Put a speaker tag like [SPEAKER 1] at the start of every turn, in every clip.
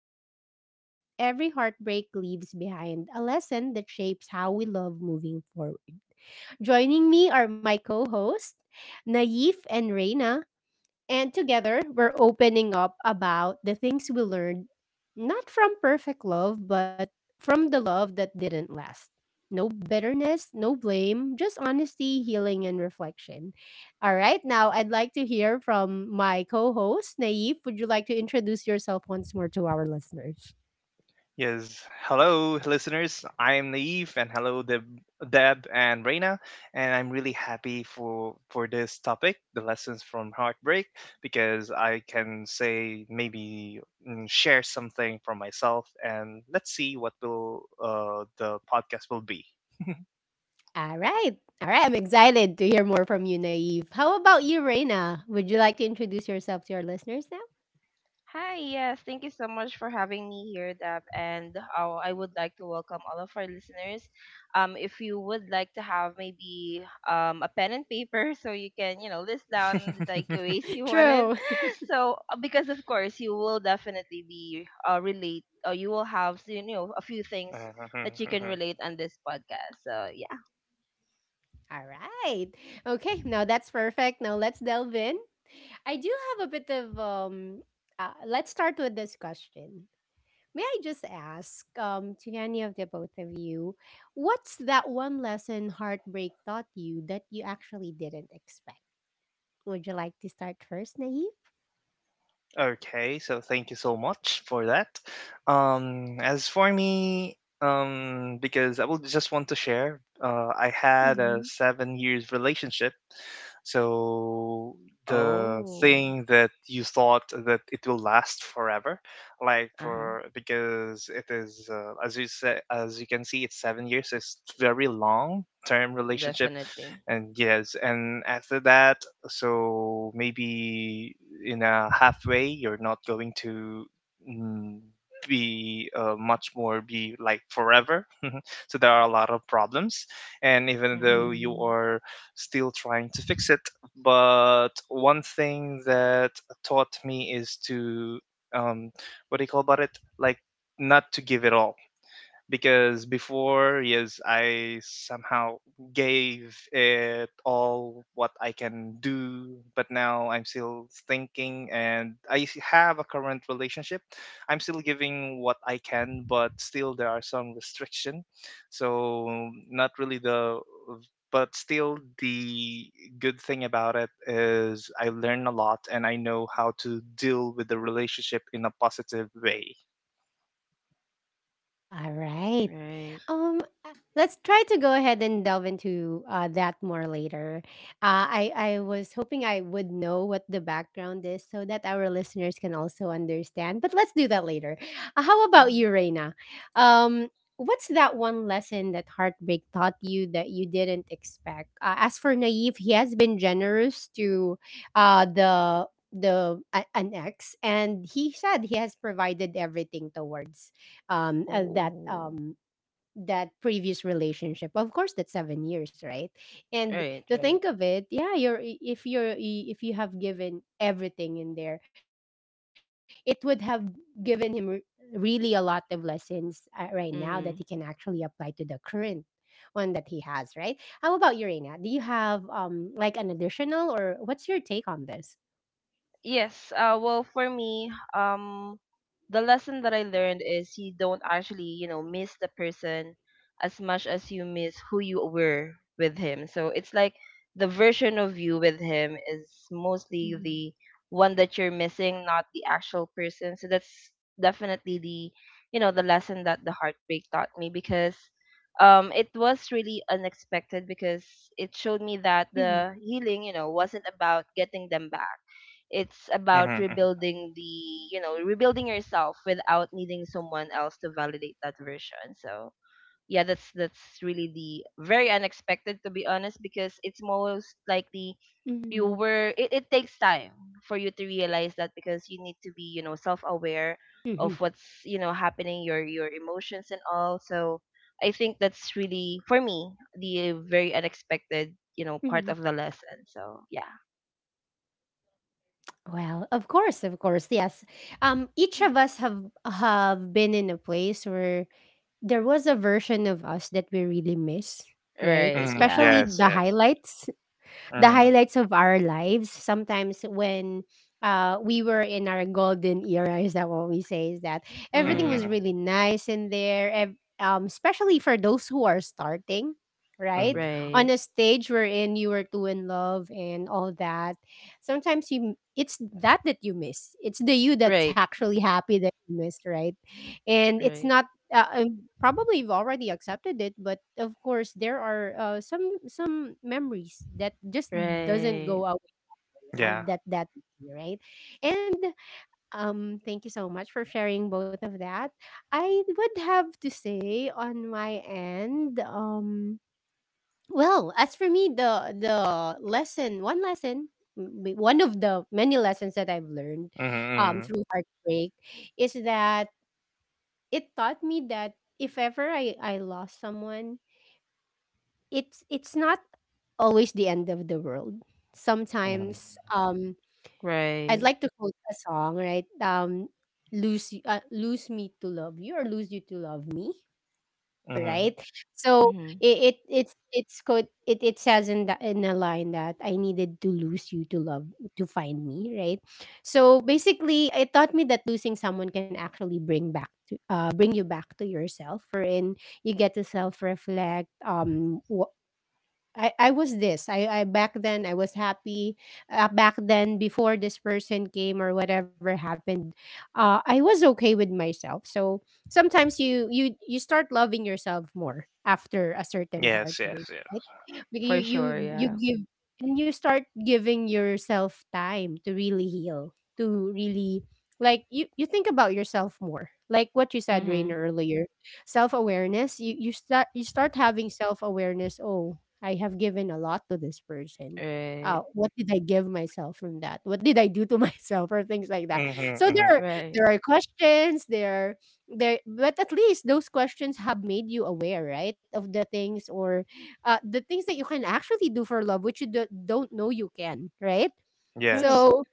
[SPEAKER 1] loud or quiet, every heartbreak leaves behind a lesson that shapes how we love moving forward. Joining me are my co hosts, Naif and Reina. And together, we're opening up about the things we learned not from perfect love, but from the love that didn't last. No bitterness, no blame, just honesty, healing, and reflection. All right, now I'd like to hear from my co host, Naif. Would you like to introduce yourself once more to our listeners?
[SPEAKER 2] Yes. Hello, listeners. I am Naive, and hello, Deb, Deb and Reina. And I'm really happy for this topic, the lessons from heartbreak, because I can say maybe share something from myself, and let's see what will the podcast will be.
[SPEAKER 1] All right, all right, I'm excited to hear more from you, Naif. How about you, Reina? Would you like to introduce yourself to our listeners now?
[SPEAKER 3] Hi, yes, thank you so much for having me here, Deb. And I would like to welcome all of our listeners. If you would like to have maybe a pen and paper so you can, you know, list down the takeaways you wanted.
[SPEAKER 1] True.
[SPEAKER 3] Because of course, you will definitely be relate, or you will have, you know, a few things that you can relate on this podcast. So, yeah.
[SPEAKER 1] All right. Okay. Now that's perfect. Now let's delve in. I do have a bit of let's start with this question. May I just ask to any of the both of you, what's that one lesson heartbreak taught you that you actually didn't expect? Would you like to start first, Naive?
[SPEAKER 2] Okay, so thank you so much for that. As for me, because I will just want to share, I had a 7 years relationship. So the
[SPEAKER 3] Oh,
[SPEAKER 2] thing that you thought that it will last forever, like
[SPEAKER 3] uh huh.
[SPEAKER 2] for because it is as you say, as you can see, it's 7 years. So it's very long term relationship,
[SPEAKER 3] Definitely.
[SPEAKER 2] and yes, and after that, so maybe in a halfway you're not going to mm, be much more be like forever, so there are a lot of problems, and even though
[SPEAKER 3] Mm-hmm.
[SPEAKER 2] you
[SPEAKER 1] Mm-hmm.
[SPEAKER 2] are still trying to fix it, but one thing that taught me is to um what do you call about it, like not to give it all. Because before, yes, I somehow gave it all what I can do, but now I'm still thinking and have a current relationship. I'm still giving what I can, but still there are some restriction. So not really the but still the good thing about it is I learn a lot, and I know how to deal with the relationship in a positive way.
[SPEAKER 1] All right.
[SPEAKER 3] Right.
[SPEAKER 1] Um, uh, let's try to go ahead and delve into that more later. I was hoping I would know what the background is so that our listeners can also understand. But let's do that later. How about
[SPEAKER 3] Mm-hmm.
[SPEAKER 1] you, Reina? Um, what's that one lesson that heartbreak taught you that you didn't expect? As for Naive, he has been generous to uh, the an ex, and he said he has provided everything towards um uh, that
[SPEAKER 3] Oh,
[SPEAKER 1] um that previous relationship, of course, that's 7 years, right? And
[SPEAKER 3] right,
[SPEAKER 1] to
[SPEAKER 3] right.
[SPEAKER 1] think of it, yeah, if you have given everything in there, it would have given him really a lot of lessons right now that he can actually
[SPEAKER 3] Mm.
[SPEAKER 1] apply to the current one that he has, right? How about you, Reina? Do you have like an additional, or what's your take on this?
[SPEAKER 3] Yes. Well, for me, the lesson that I learned is you don't actually, you know, miss the person as much as you miss who you were with him. So it's like the version of you with him is mostly
[SPEAKER 1] Mhm.
[SPEAKER 3] the one that you're missing, not the actual person. So that's definitely the, you know, the lesson that the heartbreak taught me because it was really unexpected because it showed me that the healing, you know, wasn't about getting them back. It's about
[SPEAKER 2] Mm-hmm.
[SPEAKER 3] rebuilding the, you know, rebuilding yourself without needing someone else to validate that version. So yeah, that's really the very unexpected, to be honest, because it's most likely you
[SPEAKER 1] hmm
[SPEAKER 3] were it, it takes time for you to realize that because you need to be, you know,
[SPEAKER 1] hmm
[SPEAKER 3] self-aware of what's, you know, happening, your emotions and all. So I think that's really for me the very unexpected, you know,
[SPEAKER 1] hmm
[SPEAKER 3] part of the lesson. So yeah,
[SPEAKER 1] Well, of course, yes. Each of us have been in a place where there was a version of us that we really miss, right?
[SPEAKER 3] right,
[SPEAKER 2] Hmm.
[SPEAKER 3] yeah.
[SPEAKER 1] Especially
[SPEAKER 2] Yes,
[SPEAKER 1] the
[SPEAKER 2] yes.
[SPEAKER 1] highlights the
[SPEAKER 2] Mhm.
[SPEAKER 1] highlights of our lives, sometimes when we were in our golden era, is that what we say? Is that everything
[SPEAKER 3] Mm-hmm.
[SPEAKER 1] was
[SPEAKER 2] Mhm.
[SPEAKER 1] really nice in there, especially for those who are starting, right,
[SPEAKER 2] Mhm.
[SPEAKER 3] Right.
[SPEAKER 1] on a stage wherein you were too in love and all that. Sometimes it's that, that you miss, it's the you that's
[SPEAKER 3] Right.
[SPEAKER 1] actually happy that you missed, right? And it's
[SPEAKER 3] Right.
[SPEAKER 1] not, uh, uh, probably you've already accepted it, but of course there are some memories that just doesn't
[SPEAKER 3] Right.
[SPEAKER 1] go away,
[SPEAKER 2] Yeah.
[SPEAKER 1] and that that easy, right? And thank you so much for sharing both of that. I would have to say on my end, well, as for me, the lesson one lesson m- one of the many lessons that I've learned
[SPEAKER 2] Mhm.
[SPEAKER 1] through heartbreak is that it taught me that if ever I lost someone, it's not always the end of the world.
[SPEAKER 2] Mhm.
[SPEAKER 1] Sometimes I'd
[SPEAKER 3] Right.
[SPEAKER 1] like to quote a song, right? Lose me to love you, or lose you to love me,
[SPEAKER 2] Mhm. Mhm.
[SPEAKER 1] right? So
[SPEAKER 3] Mhm.
[SPEAKER 1] it's called, it says in the, in a line that I needed to lose you to love, to find me, right? So basically, it taught me that losing someone can actually bring you back to yourself, wherein you get to self reflect. I was this. I back then I was happy. Back then before this person came or whatever happened, I was okay with myself. So sometimes you start loving yourself more after a certain
[SPEAKER 2] Yes. Yes.
[SPEAKER 1] heartbreak, right?
[SPEAKER 2] Yes.
[SPEAKER 1] Like you
[SPEAKER 3] For sure,
[SPEAKER 1] you you
[SPEAKER 3] yeah.
[SPEAKER 1] give, and you start giving yourself time to really heal, to really, like, you think about yourself more. Like what you said,
[SPEAKER 3] Mhm.
[SPEAKER 1] Rainer, earlier, self awareness. You start, you start having self awareness. Oh, I have given a lot to this person.
[SPEAKER 3] Right.
[SPEAKER 1] What did I give myself from that? What did I do to myself or things like that?
[SPEAKER 2] Mhm.
[SPEAKER 1] So
[SPEAKER 2] Mhm.
[SPEAKER 1] there are,
[SPEAKER 3] Right.
[SPEAKER 1] there are questions there, there, but at least those questions have made you aware, right, of the things or the things that you can actually do for love, which you don't know you can, right?
[SPEAKER 3] Right.
[SPEAKER 2] Yes.
[SPEAKER 1] So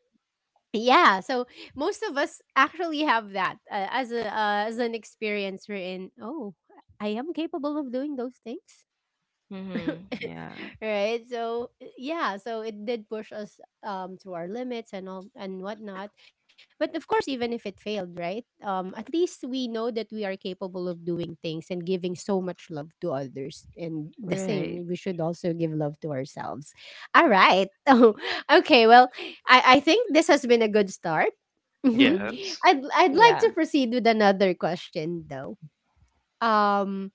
[SPEAKER 1] yeah, so most of us actually have that as an experience we're in. Oh, I am capable of doing those things.
[SPEAKER 3] Mhm. Yeah.
[SPEAKER 1] Right, so yeah, so it did push us to our limits and all and whatnot, but of course, even if it failed, right, um, at least we know that we are capable of doing things and giving so much love to others, and the
[SPEAKER 3] Right.
[SPEAKER 1] same, we should also give love to ourselves. All right. Oh, okay, well, I think this has been a good start. Hmm.
[SPEAKER 3] Mhm.
[SPEAKER 2] Yes.
[SPEAKER 1] I'd like
[SPEAKER 3] Yeah.
[SPEAKER 1] to proceed with another question though. Um,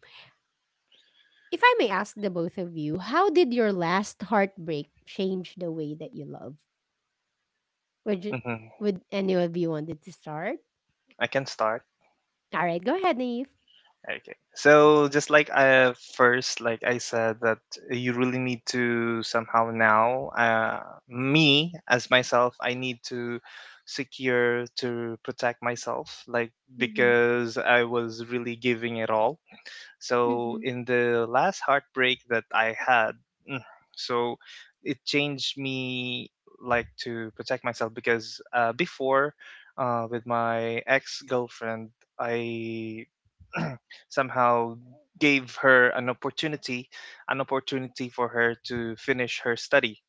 [SPEAKER 1] if I may ask the both of you, how did your last heartbreak change the way that you love? Would you,
[SPEAKER 2] Mhm.
[SPEAKER 1] would any of you wanted to start?
[SPEAKER 2] I can start.
[SPEAKER 1] All right, go ahead, Naive.
[SPEAKER 2] Okay. So just like I first, like I said, that you really need to somehow now, me as myself, I need to secure to protect myself, like
[SPEAKER 1] Mm-hmm.
[SPEAKER 2] because I was really giving it all. So
[SPEAKER 1] Mm-hmm.
[SPEAKER 2] in the last heartbreak that I had, mm, so it changed me, like to protect myself. Because before, with my ex girlfriend, I somehow gave her an opportunity for her to finish her study.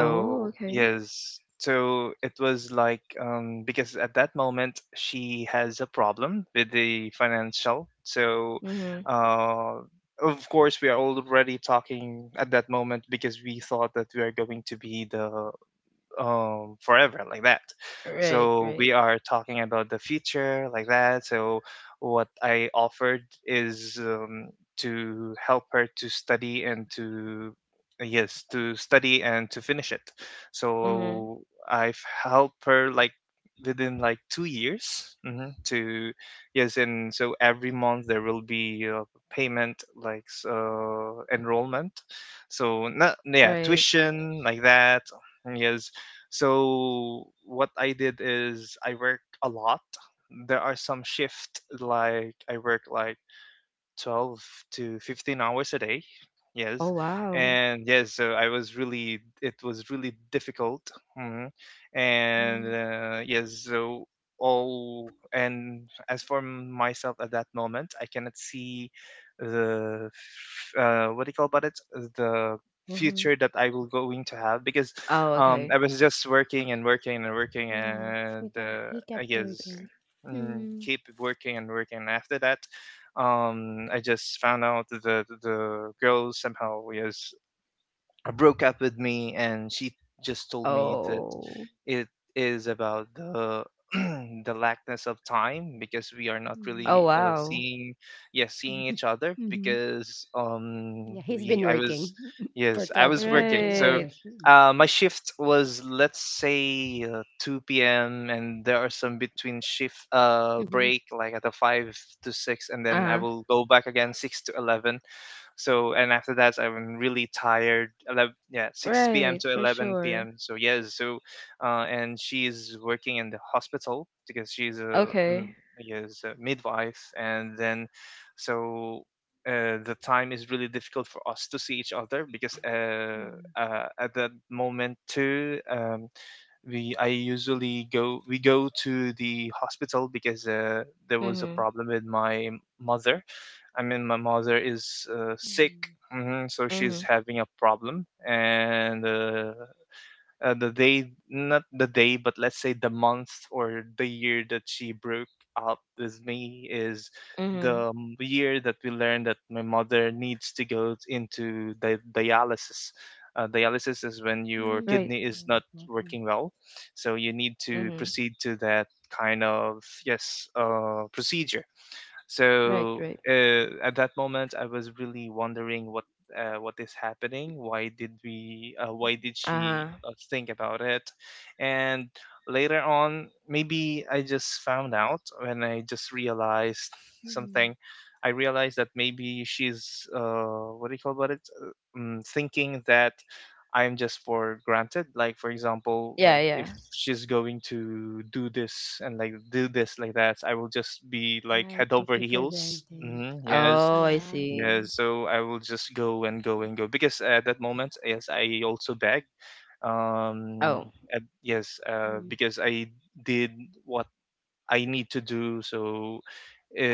[SPEAKER 3] Oh, okay.
[SPEAKER 2] yes, so it was like because at that moment she has a problem with the financial. So
[SPEAKER 3] Mhm.
[SPEAKER 2] uh, of course we are already talking at that moment, because we thought that we are going to be the forever like that.
[SPEAKER 3] Right,
[SPEAKER 2] So we
[SPEAKER 3] right.
[SPEAKER 2] are talking about the future like that. So what I offered is to help her to study and to yes to study and to finish it.
[SPEAKER 3] Mhm.
[SPEAKER 2] So I've helped her like within like 2 years, to yes, and so every month there will be a payment like enrollment, so not yeah
[SPEAKER 3] Right.
[SPEAKER 2] tuition like that. Yes, so what I did is I work a lot. There are some shift like I work like 12 to 15 hours a day. Yes.
[SPEAKER 3] Oh, wow.
[SPEAKER 2] And yes, so I was really, it was really difficult. Hmm. And
[SPEAKER 1] Mm-hmm.
[SPEAKER 2] yes, so all, and as for myself at that moment, I cannot see the, what do you call about it? The future
[SPEAKER 1] Uh-huh.
[SPEAKER 2] that I will going to have, because
[SPEAKER 3] Oh,
[SPEAKER 2] I
[SPEAKER 3] okay.
[SPEAKER 2] was just working and working and working
[SPEAKER 1] Yeah,
[SPEAKER 2] and
[SPEAKER 1] he
[SPEAKER 2] I
[SPEAKER 1] kept
[SPEAKER 2] guess
[SPEAKER 1] working. Mm-hmm.
[SPEAKER 2] keep working and working. After that, I just found out that the girl somehow yes broke up with me, and she just told me that
[SPEAKER 3] Oh.
[SPEAKER 2] it is about the the lackness of time, because we are not
[SPEAKER 3] Oh,
[SPEAKER 2] really
[SPEAKER 1] hmm
[SPEAKER 3] wow.
[SPEAKER 2] seeing yes seeing each other,
[SPEAKER 1] hmm
[SPEAKER 2] because
[SPEAKER 1] Yeah, he's
[SPEAKER 2] we
[SPEAKER 1] been
[SPEAKER 2] I was
[SPEAKER 1] working
[SPEAKER 2] yes
[SPEAKER 1] for
[SPEAKER 2] I was
[SPEAKER 1] 12 to
[SPEAKER 2] working.
[SPEAKER 1] 15
[SPEAKER 2] So
[SPEAKER 3] Right.
[SPEAKER 1] hours. Mm-hmm.
[SPEAKER 2] my shift was let's say 2 p.m., and there are some between shift
[SPEAKER 1] Mm-hmm.
[SPEAKER 2] break like at the 5 to 6, and then I
[SPEAKER 3] Uh-huh.
[SPEAKER 2] will go back again 6 to 11. So and after that, I'm really tired. 11, yeah, 6 p.m.
[SPEAKER 3] Right,
[SPEAKER 2] to
[SPEAKER 3] for
[SPEAKER 2] 11 p.m.
[SPEAKER 3] sure.
[SPEAKER 2] So yes, so and she's working in the hospital because she's a
[SPEAKER 3] Okay.
[SPEAKER 2] yes a midwife, and then so. The time is really difficult for us to see each other, because
[SPEAKER 1] Mm-hmm.
[SPEAKER 2] at that moment too, we I usually go we go to the hospital, because there was a
[SPEAKER 3] Mhm.
[SPEAKER 2] problem with my mother. I mean, my mother is sick, so she's
[SPEAKER 3] Mhm.
[SPEAKER 2] having a problem. And the day, not the day, but let's say the month or the year that she broke up with me is the
[SPEAKER 3] Mhm.
[SPEAKER 2] year that we learned that my mother needs to go into dialysis. Dialysis is when
[SPEAKER 3] Right.
[SPEAKER 2] your kidney is not
[SPEAKER 1] Mm-hmm.
[SPEAKER 2] working well, so you need to
[SPEAKER 3] Mhm.
[SPEAKER 2] proceed to that kind of yes procedure.
[SPEAKER 3] Right,
[SPEAKER 2] So
[SPEAKER 3] right.
[SPEAKER 2] at that moment, I was really wondering what is happening. Why did we? Why did she
[SPEAKER 3] Uh-huh.
[SPEAKER 2] think about it? And later on, maybe I just found out, when I just realized something. I realized that maybe she's what do you call about it? Thinking that I'm just for granted. Like for example,
[SPEAKER 3] Yeah,
[SPEAKER 2] like
[SPEAKER 3] yeah.
[SPEAKER 2] if she's going to do this and like do this like that, I will just
[SPEAKER 1] Yeah,
[SPEAKER 2] be
[SPEAKER 1] I
[SPEAKER 2] like
[SPEAKER 1] took
[SPEAKER 2] head
[SPEAKER 1] it for
[SPEAKER 2] over heels.
[SPEAKER 1] granted.
[SPEAKER 2] Yes,
[SPEAKER 1] Yeah.
[SPEAKER 3] Oh, I
[SPEAKER 1] Mm-hmm.
[SPEAKER 3] see.
[SPEAKER 2] yes. So I will just go and go and go, because at that moment, yes, I also beg. Um,
[SPEAKER 3] Oh,
[SPEAKER 2] and yes,
[SPEAKER 1] Mm,
[SPEAKER 2] because I did what I need to do. So,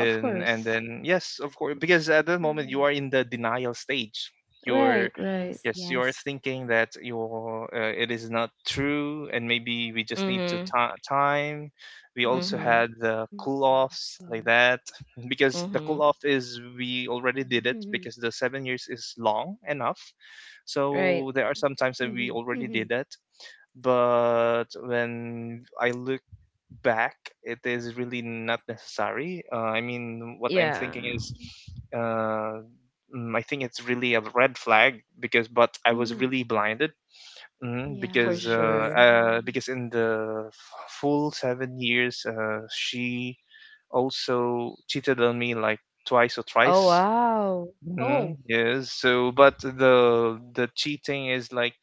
[SPEAKER 3] of
[SPEAKER 2] and
[SPEAKER 3] course.
[SPEAKER 2] then yes, of course, because at that
[SPEAKER 1] mhm.
[SPEAKER 2] moment you are in the denial stage. You're
[SPEAKER 3] Right,
[SPEAKER 1] Yes,
[SPEAKER 3] right.
[SPEAKER 2] yes,
[SPEAKER 1] yes.
[SPEAKER 2] you're thinking that you're it is not true, and maybe we just need to
[SPEAKER 3] Mm-hmm.
[SPEAKER 2] time. We also
[SPEAKER 1] Mhm.
[SPEAKER 3] Mm-hmm.
[SPEAKER 2] had
[SPEAKER 1] Yeah.
[SPEAKER 2] the cool offs like that because the
[SPEAKER 3] Mm-hmm.
[SPEAKER 2] cool off is we
[SPEAKER 1] Mhm.
[SPEAKER 2] already did it, because the 7 years is long enough.
[SPEAKER 3] Right.
[SPEAKER 2] So there are some
[SPEAKER 1] Mhm.
[SPEAKER 2] times that we
[SPEAKER 1] Mhm.
[SPEAKER 2] already did it, but when I look back, it is really not necessary. I mean, what I'm
[SPEAKER 3] Yeah,
[SPEAKER 2] thinking is, uh, I think it's really a red flag. Because, but I
[SPEAKER 1] Mhm.
[SPEAKER 2] was really blinded,
[SPEAKER 1] Yeah, he
[SPEAKER 3] for
[SPEAKER 1] is.
[SPEAKER 3] sure.
[SPEAKER 1] Mm.
[SPEAKER 2] because in the full 7 years, she also cheated on me like twice or
[SPEAKER 3] Oh,
[SPEAKER 2] thrice.
[SPEAKER 3] wow.
[SPEAKER 1] Oh,
[SPEAKER 2] Yes. So, but the cheating is like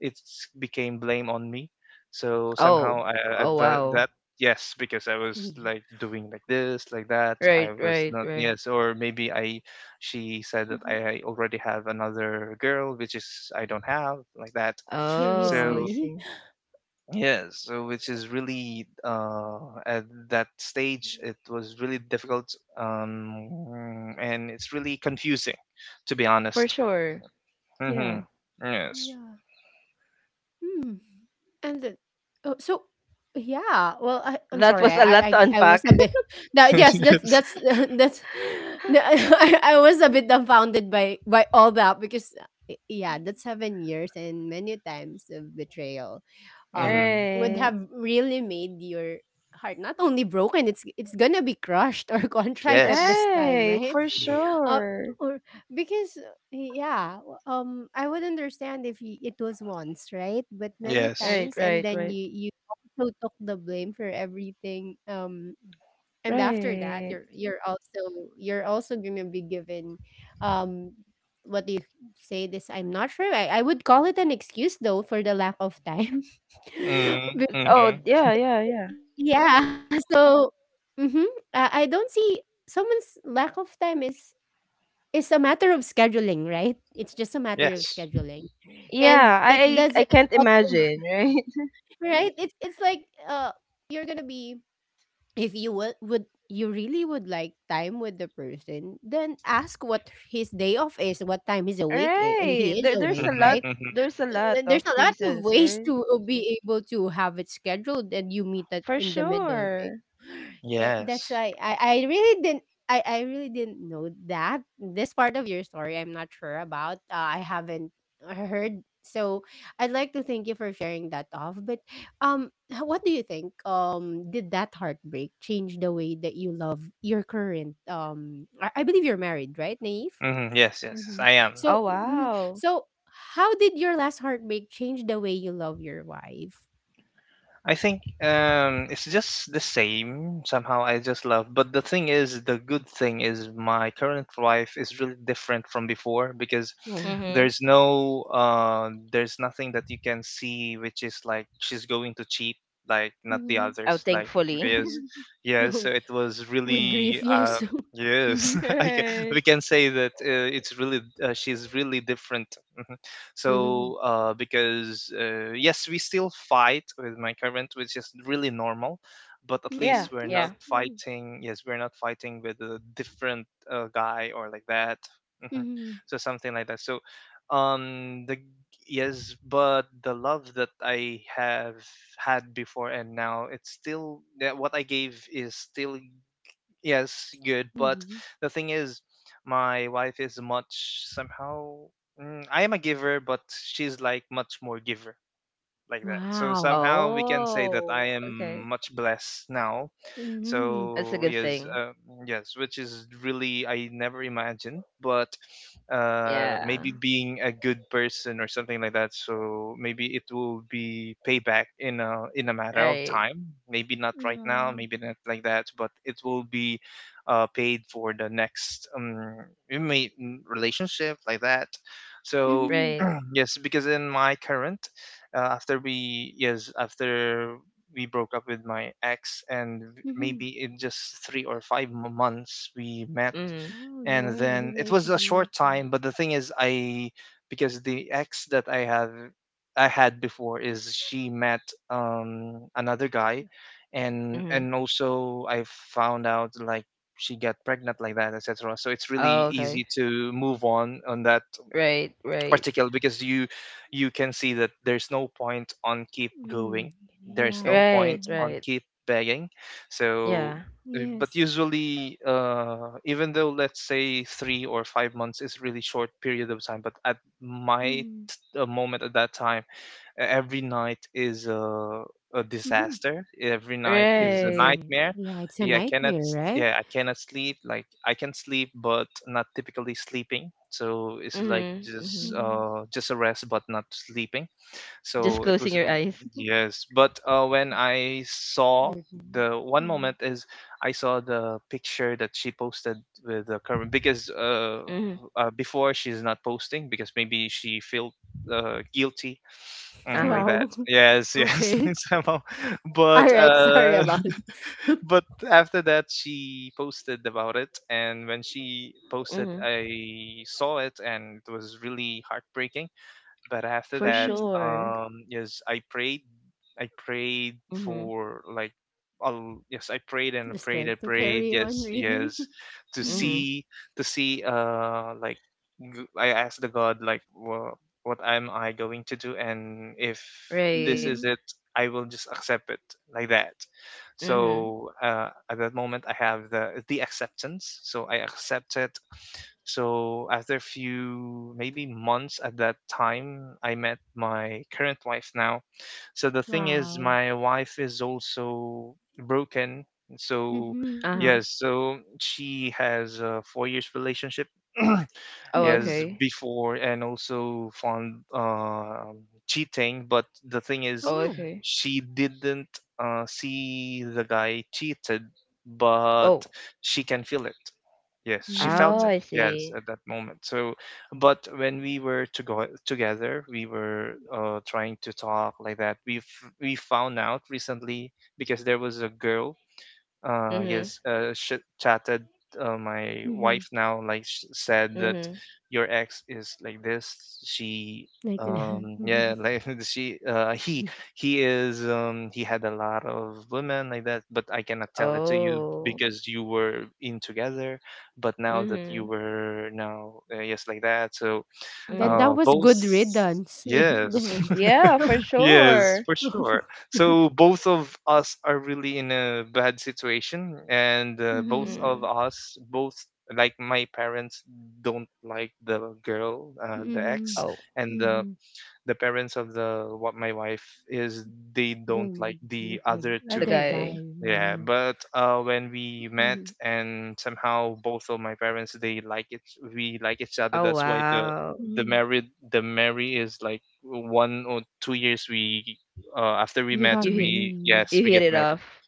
[SPEAKER 2] it became blame on me. So somehow
[SPEAKER 3] Oh.
[SPEAKER 2] I
[SPEAKER 3] Oh,
[SPEAKER 2] that,
[SPEAKER 3] wow.
[SPEAKER 2] that yes because I was like doing like this like that. I
[SPEAKER 3] Right,
[SPEAKER 2] was
[SPEAKER 3] right,
[SPEAKER 2] not
[SPEAKER 3] right.
[SPEAKER 2] yes or maybe I she said that
[SPEAKER 1] uh-huh.
[SPEAKER 2] I already have another girl, which is I don't have like that.
[SPEAKER 3] Oh, I
[SPEAKER 2] So
[SPEAKER 1] Seriously?
[SPEAKER 3] see.
[SPEAKER 2] yeah, so which is really at that stage, it was really difficult, and it's really confusing, to be
[SPEAKER 3] For
[SPEAKER 2] honest.
[SPEAKER 3] sure.
[SPEAKER 2] Hmm.
[SPEAKER 3] Yeah.
[SPEAKER 2] Yes.
[SPEAKER 1] Yeah. Mm. And then, oh, so yeah, well, I, I'm
[SPEAKER 3] That
[SPEAKER 1] sorry.
[SPEAKER 3] was
[SPEAKER 1] I,
[SPEAKER 3] a
[SPEAKER 1] I
[SPEAKER 3] lot to
[SPEAKER 1] I I was
[SPEAKER 3] unpack.
[SPEAKER 1] a bit that, yes, that's
[SPEAKER 2] Yes.
[SPEAKER 1] that's that's I was a bit dumbfounded by all that, because yeah, that's 7 years and many times of betrayal, um
[SPEAKER 2] Hmm.
[SPEAKER 1] would
[SPEAKER 3] Right.
[SPEAKER 1] have really made your heart not only broken, it's gonna be crushed or contrite at
[SPEAKER 2] Yes.
[SPEAKER 1] this time,
[SPEAKER 3] Right.
[SPEAKER 1] right?
[SPEAKER 3] For
[SPEAKER 1] Uh,
[SPEAKER 3] sure.
[SPEAKER 1] or because, yeah, I would understand if y it was once, right? But many
[SPEAKER 2] Yes.
[SPEAKER 3] Right,
[SPEAKER 1] times, and
[SPEAKER 3] right,
[SPEAKER 1] then
[SPEAKER 3] right.
[SPEAKER 1] you also took the blame for everything. And after that,
[SPEAKER 3] Right.
[SPEAKER 1] you're also you're also gonna be given, um, what do you say? This, I'm not sure. I would call it an excuse though for the lack of time.
[SPEAKER 2] Mm-hmm.
[SPEAKER 1] But
[SPEAKER 3] Oh,
[SPEAKER 2] Mm-hmm.
[SPEAKER 3] yeah, yeah, yeah.
[SPEAKER 1] yeah, so mm-hmm, I don't see someone's lack of time. Is it's a matter of scheduling, right? It's just a matter of
[SPEAKER 2] Yes.
[SPEAKER 1] scheduling. And
[SPEAKER 3] Yeah,
[SPEAKER 1] it
[SPEAKER 3] I
[SPEAKER 1] doesn't
[SPEAKER 3] can't
[SPEAKER 1] autom-
[SPEAKER 3] imagine, right?
[SPEAKER 1] right? It's like you're going to be if you would you really would like time with the person, then ask what his day off is, what time he's awake. Eh,
[SPEAKER 3] Right.
[SPEAKER 1] he is
[SPEAKER 3] There's
[SPEAKER 1] awake,
[SPEAKER 3] a
[SPEAKER 2] Mm-hmm.
[SPEAKER 3] lot,
[SPEAKER 1] right?
[SPEAKER 2] Mm-hmm.
[SPEAKER 3] there's a lot of
[SPEAKER 1] There's a lot of
[SPEAKER 3] reasons,
[SPEAKER 1] ways
[SPEAKER 3] right?
[SPEAKER 1] to be able to have it scheduled and you meet it
[SPEAKER 3] For
[SPEAKER 1] in the middle, right?
[SPEAKER 3] sure.
[SPEAKER 1] Eh, that's
[SPEAKER 2] Yes.
[SPEAKER 1] why I really didn't, I really didn't know that this part of your story, I'm not sure about I haven't heard. So I'd like to thank you for sharing that off. But what do you think, um, did that heartbreak change the way that you love your current, I believe you're married, right, Naive?
[SPEAKER 2] Mm-hmm. Yes. Yes. Yes.
[SPEAKER 1] Mhm.
[SPEAKER 2] I am.
[SPEAKER 3] Oh
[SPEAKER 1] So mhm.
[SPEAKER 3] wow.
[SPEAKER 1] So how did your last heartbreak change the way you love your wife?
[SPEAKER 2] I think it's just the same. Somehow I just love. But the thing is, the good thing is my current life is really different from before, because
[SPEAKER 1] Oh,
[SPEAKER 3] Mhm.
[SPEAKER 2] there's no, there's nothing that you can see, which is like she's going to cheat, like not the
[SPEAKER 1] Mm-hmm.
[SPEAKER 3] Oh,
[SPEAKER 2] others. Like
[SPEAKER 3] thankfully.
[SPEAKER 2] yes,
[SPEAKER 1] Mm-hmm.
[SPEAKER 2] yes. So it was
[SPEAKER 1] Good
[SPEAKER 2] really,
[SPEAKER 1] grief, yes.
[SPEAKER 2] yes.
[SPEAKER 1] mm-hmm.
[SPEAKER 2] I can,
[SPEAKER 3] Right.
[SPEAKER 2] we can say that it's really she's really different.
[SPEAKER 1] Mm-hmm.
[SPEAKER 2] So because yes, we still fight with my current, which is really normal, but at
[SPEAKER 1] Mm-hmm.
[SPEAKER 2] least
[SPEAKER 3] Yeah,
[SPEAKER 2] we're not
[SPEAKER 1] Yes.
[SPEAKER 3] yeah.
[SPEAKER 2] fighting. Yes, we're not fighting with a different guy or like that. Hmm.
[SPEAKER 1] Mm-hmm.
[SPEAKER 2] So something like that. So the yes but the love that I have had before and now it's still that what I gave is still yes, good. But
[SPEAKER 1] Mm-hmm.
[SPEAKER 2] the thing is, my wife is much somehow. I am a giver, but she's like much more giver like that. So
[SPEAKER 1] Wow.
[SPEAKER 2] somehow we can say that
[SPEAKER 3] Oh,
[SPEAKER 2] I
[SPEAKER 3] okay.
[SPEAKER 2] am much blessed now.
[SPEAKER 1] Mm-hmm.
[SPEAKER 3] That's a
[SPEAKER 2] So
[SPEAKER 3] good
[SPEAKER 2] yes,
[SPEAKER 3] thing.
[SPEAKER 2] yes, which is really I never imagined, but
[SPEAKER 3] Yeah.
[SPEAKER 2] maybe being a good person or something like that, so maybe it will be payback in a matter of
[SPEAKER 3] Right.
[SPEAKER 2] time. Maybe not right now,
[SPEAKER 1] Yeah.
[SPEAKER 2] maybe not like that, but it will be paid for the next we may- relationship like that. So
[SPEAKER 1] Mm-hmm.
[SPEAKER 3] Right.
[SPEAKER 2] yes because in my current after we yes after we broke up with my ex, and
[SPEAKER 1] Mm-hmm.
[SPEAKER 2] maybe in just three or five months we met,
[SPEAKER 3] Mhm.
[SPEAKER 1] Oh,
[SPEAKER 2] and
[SPEAKER 1] you
[SPEAKER 2] then
[SPEAKER 1] were
[SPEAKER 2] it
[SPEAKER 1] able
[SPEAKER 2] was
[SPEAKER 1] to
[SPEAKER 2] a short
[SPEAKER 1] maintain.
[SPEAKER 2] time. But the thing is, I because the ex that I had before is she met another guy, and
[SPEAKER 3] Mhm.
[SPEAKER 2] also I found out like she got pregnant like that, etc. So it's really
[SPEAKER 3] Oh,
[SPEAKER 2] easy
[SPEAKER 3] okay.
[SPEAKER 2] to move on that
[SPEAKER 3] Right, right.
[SPEAKER 2] particular, because you can see that there's no point on keep
[SPEAKER 1] Her.
[SPEAKER 2] going,
[SPEAKER 1] Mm.
[SPEAKER 2] there's no
[SPEAKER 1] Yeah.
[SPEAKER 2] point
[SPEAKER 3] Right,
[SPEAKER 1] Mm-hmm.
[SPEAKER 2] on
[SPEAKER 3] right.
[SPEAKER 2] keep begging. So
[SPEAKER 3] Yeah.
[SPEAKER 1] Yes.
[SPEAKER 2] but usually even though let's say 3 or 5 months is really short period of time, but at my
[SPEAKER 1] Mm-hmm.
[SPEAKER 2] moment at that time every night is
[SPEAKER 1] Mm-hmm.
[SPEAKER 2] a disaster, every
[SPEAKER 1] It was
[SPEAKER 2] night
[SPEAKER 1] nice.
[SPEAKER 2] is a
[SPEAKER 3] Right.
[SPEAKER 1] Yeah,
[SPEAKER 2] nightmare.
[SPEAKER 1] it's a
[SPEAKER 2] Yeah I
[SPEAKER 1] nightmare,
[SPEAKER 2] cannot
[SPEAKER 1] right?
[SPEAKER 2] s- yeah I cannot sleep. Like I can sleep but not typically sleeping, so it's like
[SPEAKER 3] Mhm. Mhm.
[SPEAKER 2] just a rest but not sleeping. So
[SPEAKER 3] Just
[SPEAKER 2] it was
[SPEAKER 3] closing your eyes.
[SPEAKER 2] yes but when I
[SPEAKER 1] Your
[SPEAKER 2] saw
[SPEAKER 1] mom.
[SPEAKER 2] the one
[SPEAKER 1] Mm.
[SPEAKER 2] moment is I saw the picture that she posted with the current, because
[SPEAKER 3] Mhm.
[SPEAKER 2] before she's not posting, because maybe She felt guilty. Mm, like
[SPEAKER 3] Uh-huh.
[SPEAKER 1] Wow.
[SPEAKER 2] that. Yes, yes,
[SPEAKER 1] Okay.
[SPEAKER 2] somehow. But
[SPEAKER 1] All right. Sorry about
[SPEAKER 2] but after that, she posted about it, and when she
[SPEAKER 3] Mm-hmm.
[SPEAKER 2] posted, I saw it, and it was really heartbreaking. But after
[SPEAKER 3] For
[SPEAKER 2] that,
[SPEAKER 1] Mhm.
[SPEAKER 3] sure.
[SPEAKER 2] yes, I prayed
[SPEAKER 3] Mm-hmm.
[SPEAKER 2] for like I'll, yes, I
[SPEAKER 1] The
[SPEAKER 2] prayed
[SPEAKER 1] strength
[SPEAKER 2] and I
[SPEAKER 1] to
[SPEAKER 2] prayed, I
[SPEAKER 1] carry on.
[SPEAKER 2] prayed,
[SPEAKER 1] Really.
[SPEAKER 2] yes, yes,
[SPEAKER 1] Mm-hmm.
[SPEAKER 2] to
[SPEAKER 3] Mm-hmm.
[SPEAKER 2] see, I asked the God, like, well, what am I going to do? And if
[SPEAKER 3] Right.
[SPEAKER 2] this
[SPEAKER 1] Mm-hmm.
[SPEAKER 2] is it, I will just accept it like that.
[SPEAKER 3] Mm-hmm.
[SPEAKER 2] So, at that moment, I have the acceptance. So I accept it. So after a few, maybe months at that time, I met my current wife now, so the thing is,
[SPEAKER 1] Wow.
[SPEAKER 2] my wife is also broken. So
[SPEAKER 1] Mm-hmm.
[SPEAKER 3] Uh-huh.
[SPEAKER 2] yes, so she has a 4 years relationship.
[SPEAKER 3] Oh,
[SPEAKER 1] Mm-hmm.
[SPEAKER 2] Yes,
[SPEAKER 3] okay.
[SPEAKER 2] before, and also found cheating. But the thing is,
[SPEAKER 3] Oh,
[SPEAKER 1] Oh.
[SPEAKER 3] okay.
[SPEAKER 2] she didn't see the guy cheated, but
[SPEAKER 3] Oh.
[SPEAKER 2] she can feel it. Yes, she felt
[SPEAKER 3] Oh,
[SPEAKER 1] Mm-hmm.
[SPEAKER 2] it.
[SPEAKER 3] I
[SPEAKER 2] Yes,
[SPEAKER 3] see.
[SPEAKER 2] at that moment. So, but when we were to go together, we were trying to talk like that. We found out recently because there was a girl uh
[SPEAKER 3] Mm-hmm.
[SPEAKER 2] yes uh sh- chatted my
[SPEAKER 1] Mm-hmm.
[SPEAKER 2] wife now, like, said that
[SPEAKER 3] Mm-hmm.
[SPEAKER 2] your ex is like this. She
[SPEAKER 1] Like that.
[SPEAKER 2] um, she he is he had a lot of women like that, but I cannot tell it to you
[SPEAKER 3] Oh.
[SPEAKER 2] because you were in together, but now that you
[SPEAKER 3] Mm-hmm.
[SPEAKER 2] were now yes, like that. So
[SPEAKER 1] Then
[SPEAKER 3] Mm-hmm.
[SPEAKER 1] that was
[SPEAKER 2] both,
[SPEAKER 1] good riddance.
[SPEAKER 2] yes.
[SPEAKER 1] Mm-hmm.
[SPEAKER 3] Yeah, for
[SPEAKER 2] Yes,
[SPEAKER 3] sure.
[SPEAKER 2] for sure. So both of us are really in a bad situation, and both of
[SPEAKER 3] Mm.
[SPEAKER 2] us, both, like my parents, don't like the girl, the
[SPEAKER 1] Mm-hmm.
[SPEAKER 2] ex,
[SPEAKER 3] Oh,
[SPEAKER 2] and the
[SPEAKER 1] Mm-hmm.
[SPEAKER 2] the parents of the what my wife is, they don't
[SPEAKER 1] Then
[SPEAKER 2] like the
[SPEAKER 1] like the
[SPEAKER 2] other
[SPEAKER 3] the
[SPEAKER 2] two.
[SPEAKER 1] other
[SPEAKER 3] guy.
[SPEAKER 1] guy.
[SPEAKER 2] Yeah, but when we met,
[SPEAKER 1] Mm-hmm.
[SPEAKER 2] and somehow both of my parents, they like it, we like each other.
[SPEAKER 3] Oh,
[SPEAKER 2] That's why
[SPEAKER 3] wow.
[SPEAKER 2] the
[SPEAKER 1] Mm-hmm.
[SPEAKER 2] married the marry is like 1 or 2 years we, after we
[SPEAKER 1] You
[SPEAKER 2] met,
[SPEAKER 1] got
[SPEAKER 3] You hit,
[SPEAKER 2] we,
[SPEAKER 1] married.
[SPEAKER 2] yes,
[SPEAKER 3] you
[SPEAKER 2] we
[SPEAKER 3] hit
[SPEAKER 2] get
[SPEAKER 3] it
[SPEAKER 2] married.
[SPEAKER 3] off.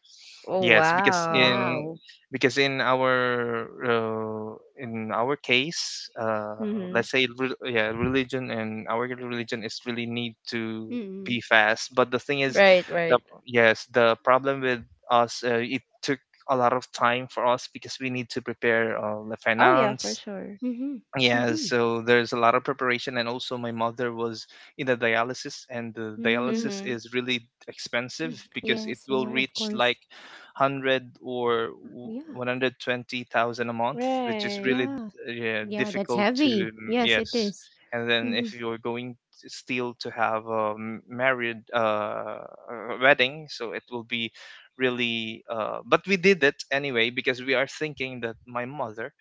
[SPEAKER 3] Oh,
[SPEAKER 2] Yes, because
[SPEAKER 3] wow.
[SPEAKER 1] Wow.
[SPEAKER 2] in our case, uh,
[SPEAKER 3] Mm-hmm.
[SPEAKER 2] let's say re- yeah, religion, and our religion is really need to be
[SPEAKER 1] Mm.
[SPEAKER 2] fast. But the thing is,
[SPEAKER 3] Right,
[SPEAKER 2] the
[SPEAKER 3] right.
[SPEAKER 2] yes, the problem with us, it took a lot of time for us because we need to prepare the
[SPEAKER 3] Oh, yeah, for
[SPEAKER 2] finance,
[SPEAKER 3] sure.
[SPEAKER 1] Mhm.
[SPEAKER 2] yeah,
[SPEAKER 1] Mhm.
[SPEAKER 2] so there's a lot of preparation, and also my mother was in a dialysis, and the dialysis
[SPEAKER 1] Mm.
[SPEAKER 3] Mm-hmm.
[SPEAKER 2] is really expensive
[SPEAKER 1] Mm.
[SPEAKER 2] because it
[SPEAKER 1] Yes,
[SPEAKER 2] will
[SPEAKER 1] yeah, of
[SPEAKER 2] reach like
[SPEAKER 1] course.
[SPEAKER 2] 100 or
[SPEAKER 1] Yeah.
[SPEAKER 2] 120,000 a month, which is
[SPEAKER 3] Right.
[SPEAKER 2] really
[SPEAKER 1] Yeah.
[SPEAKER 2] yeah,
[SPEAKER 1] Yeah, that's
[SPEAKER 2] difficult to
[SPEAKER 1] heavy. Yes, it
[SPEAKER 2] yes.
[SPEAKER 1] is.
[SPEAKER 2] And then if
[SPEAKER 1] Mhm.
[SPEAKER 2] you're going to still to have a m- married a wedding, so it will be really. But we did it anyway, because we are thinking that my mother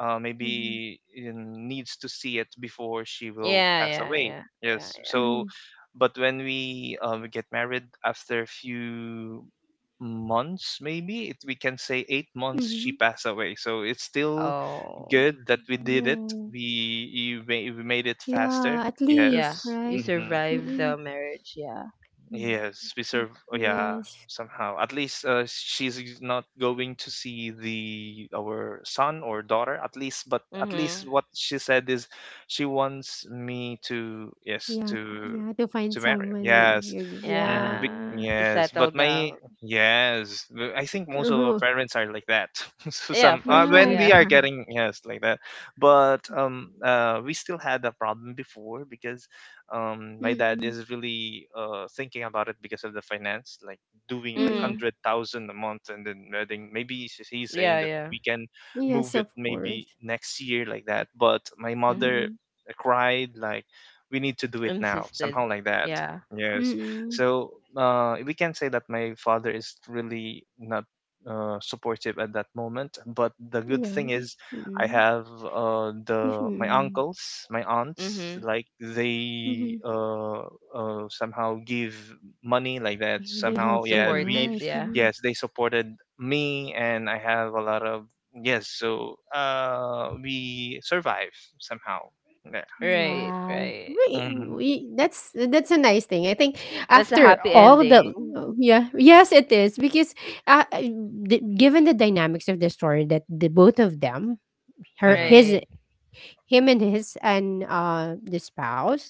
[SPEAKER 1] Mhm.
[SPEAKER 2] maybe needs to see it before she will
[SPEAKER 3] Yeah,
[SPEAKER 2] pass
[SPEAKER 3] yeah,
[SPEAKER 2] away.
[SPEAKER 3] yeah, yeah,
[SPEAKER 2] Yes.
[SPEAKER 3] yeah.
[SPEAKER 2] So,
[SPEAKER 1] Mhm.
[SPEAKER 2] but when we get married after a few months, maybe it, we can say
[SPEAKER 1] Mhm.
[SPEAKER 2] 8 months, she passed away. So it's still
[SPEAKER 3] Oh,
[SPEAKER 2] good that we did it.
[SPEAKER 1] No.
[SPEAKER 2] We made it
[SPEAKER 1] Yeah, at
[SPEAKER 2] faster.
[SPEAKER 1] least,
[SPEAKER 3] yeah.
[SPEAKER 1] right?
[SPEAKER 2] Yes.
[SPEAKER 3] You
[SPEAKER 2] Hmm.
[SPEAKER 3] survive
[SPEAKER 1] Mm-mm.
[SPEAKER 3] the marriage, yeah.
[SPEAKER 1] Yeah.
[SPEAKER 2] Yes, we
[SPEAKER 1] Y-
[SPEAKER 2] serve. Oh, yeah,
[SPEAKER 1] Yes.
[SPEAKER 2] somehow. At least she's not going to see the our son or daughter. At least, but at
[SPEAKER 3] Mm-hmm.
[SPEAKER 2] least what she said is, she wants me to, yes,
[SPEAKER 1] Yeah, yeah, to
[SPEAKER 2] to
[SPEAKER 1] find
[SPEAKER 2] marry her.
[SPEAKER 1] someone that
[SPEAKER 2] Yes,
[SPEAKER 1] you yeah.
[SPEAKER 2] hmm.
[SPEAKER 1] Mm.
[SPEAKER 3] Yeah. To
[SPEAKER 2] Yes.
[SPEAKER 3] settle
[SPEAKER 2] But my,
[SPEAKER 3] down.
[SPEAKER 2] yes, I think most of our
[SPEAKER 1] Oh,
[SPEAKER 2] parents are like that. So
[SPEAKER 3] Yeah,
[SPEAKER 2] some
[SPEAKER 3] for sure,
[SPEAKER 2] when
[SPEAKER 1] yeah.
[SPEAKER 2] we
[SPEAKER 3] yeah.
[SPEAKER 2] are getting, yes, like that, but um, we still had a problem before because my dad
[SPEAKER 1] Mm-mm.
[SPEAKER 2] is really thinking about it because of the finance, like doing like
[SPEAKER 3] Mm-hmm.
[SPEAKER 1] Mm-mm.
[SPEAKER 2] 100,000 a month, and then I think maybe he's saying
[SPEAKER 3] Yeah,
[SPEAKER 2] that
[SPEAKER 3] yeah.
[SPEAKER 2] we can move
[SPEAKER 1] Yes,
[SPEAKER 2] it
[SPEAKER 1] of
[SPEAKER 2] maybe
[SPEAKER 1] course.
[SPEAKER 2] next year, like that. But my
[SPEAKER 3] Mm-hmm.
[SPEAKER 2] mother
[SPEAKER 1] Mm-mm.
[SPEAKER 2] cried like, "We need to do it now,"
[SPEAKER 3] Insisted.
[SPEAKER 2] somehow like that.
[SPEAKER 3] Yeah.
[SPEAKER 2] Yes,
[SPEAKER 1] Mm-mm.
[SPEAKER 2] so we can say that my father is really not supportive at that
[SPEAKER 1] Yeah.
[SPEAKER 2] moment. But the good
[SPEAKER 1] Mm-mm.
[SPEAKER 2] thing is, I have
[SPEAKER 1] Mm,
[SPEAKER 2] the my uncles, my aunts,
[SPEAKER 3] Mm-hmm.
[SPEAKER 2] like
[SPEAKER 1] mhm.
[SPEAKER 2] they somehow give money, like
[SPEAKER 1] Yeah,
[SPEAKER 2] that.
[SPEAKER 1] they help
[SPEAKER 2] Somehow,
[SPEAKER 1] you
[SPEAKER 2] yeah, we,
[SPEAKER 3] Supported,
[SPEAKER 1] guys.
[SPEAKER 3] yeah.
[SPEAKER 1] Mhm.
[SPEAKER 2] yes, they supported me, and I have a lot of, yes. So we survive somehow. Yeah.
[SPEAKER 3] Right,
[SPEAKER 1] Wow.
[SPEAKER 3] right.
[SPEAKER 2] Hmm.
[SPEAKER 1] We, that's a nice thing. I think
[SPEAKER 3] That's a
[SPEAKER 1] after
[SPEAKER 3] happy
[SPEAKER 1] all the
[SPEAKER 3] ending.
[SPEAKER 1] yes it is because uh, uh, given the dynamics of the story that the both of them her
[SPEAKER 2] Hmm.
[SPEAKER 1] his
[SPEAKER 3] Right.
[SPEAKER 1] him and his and the spouse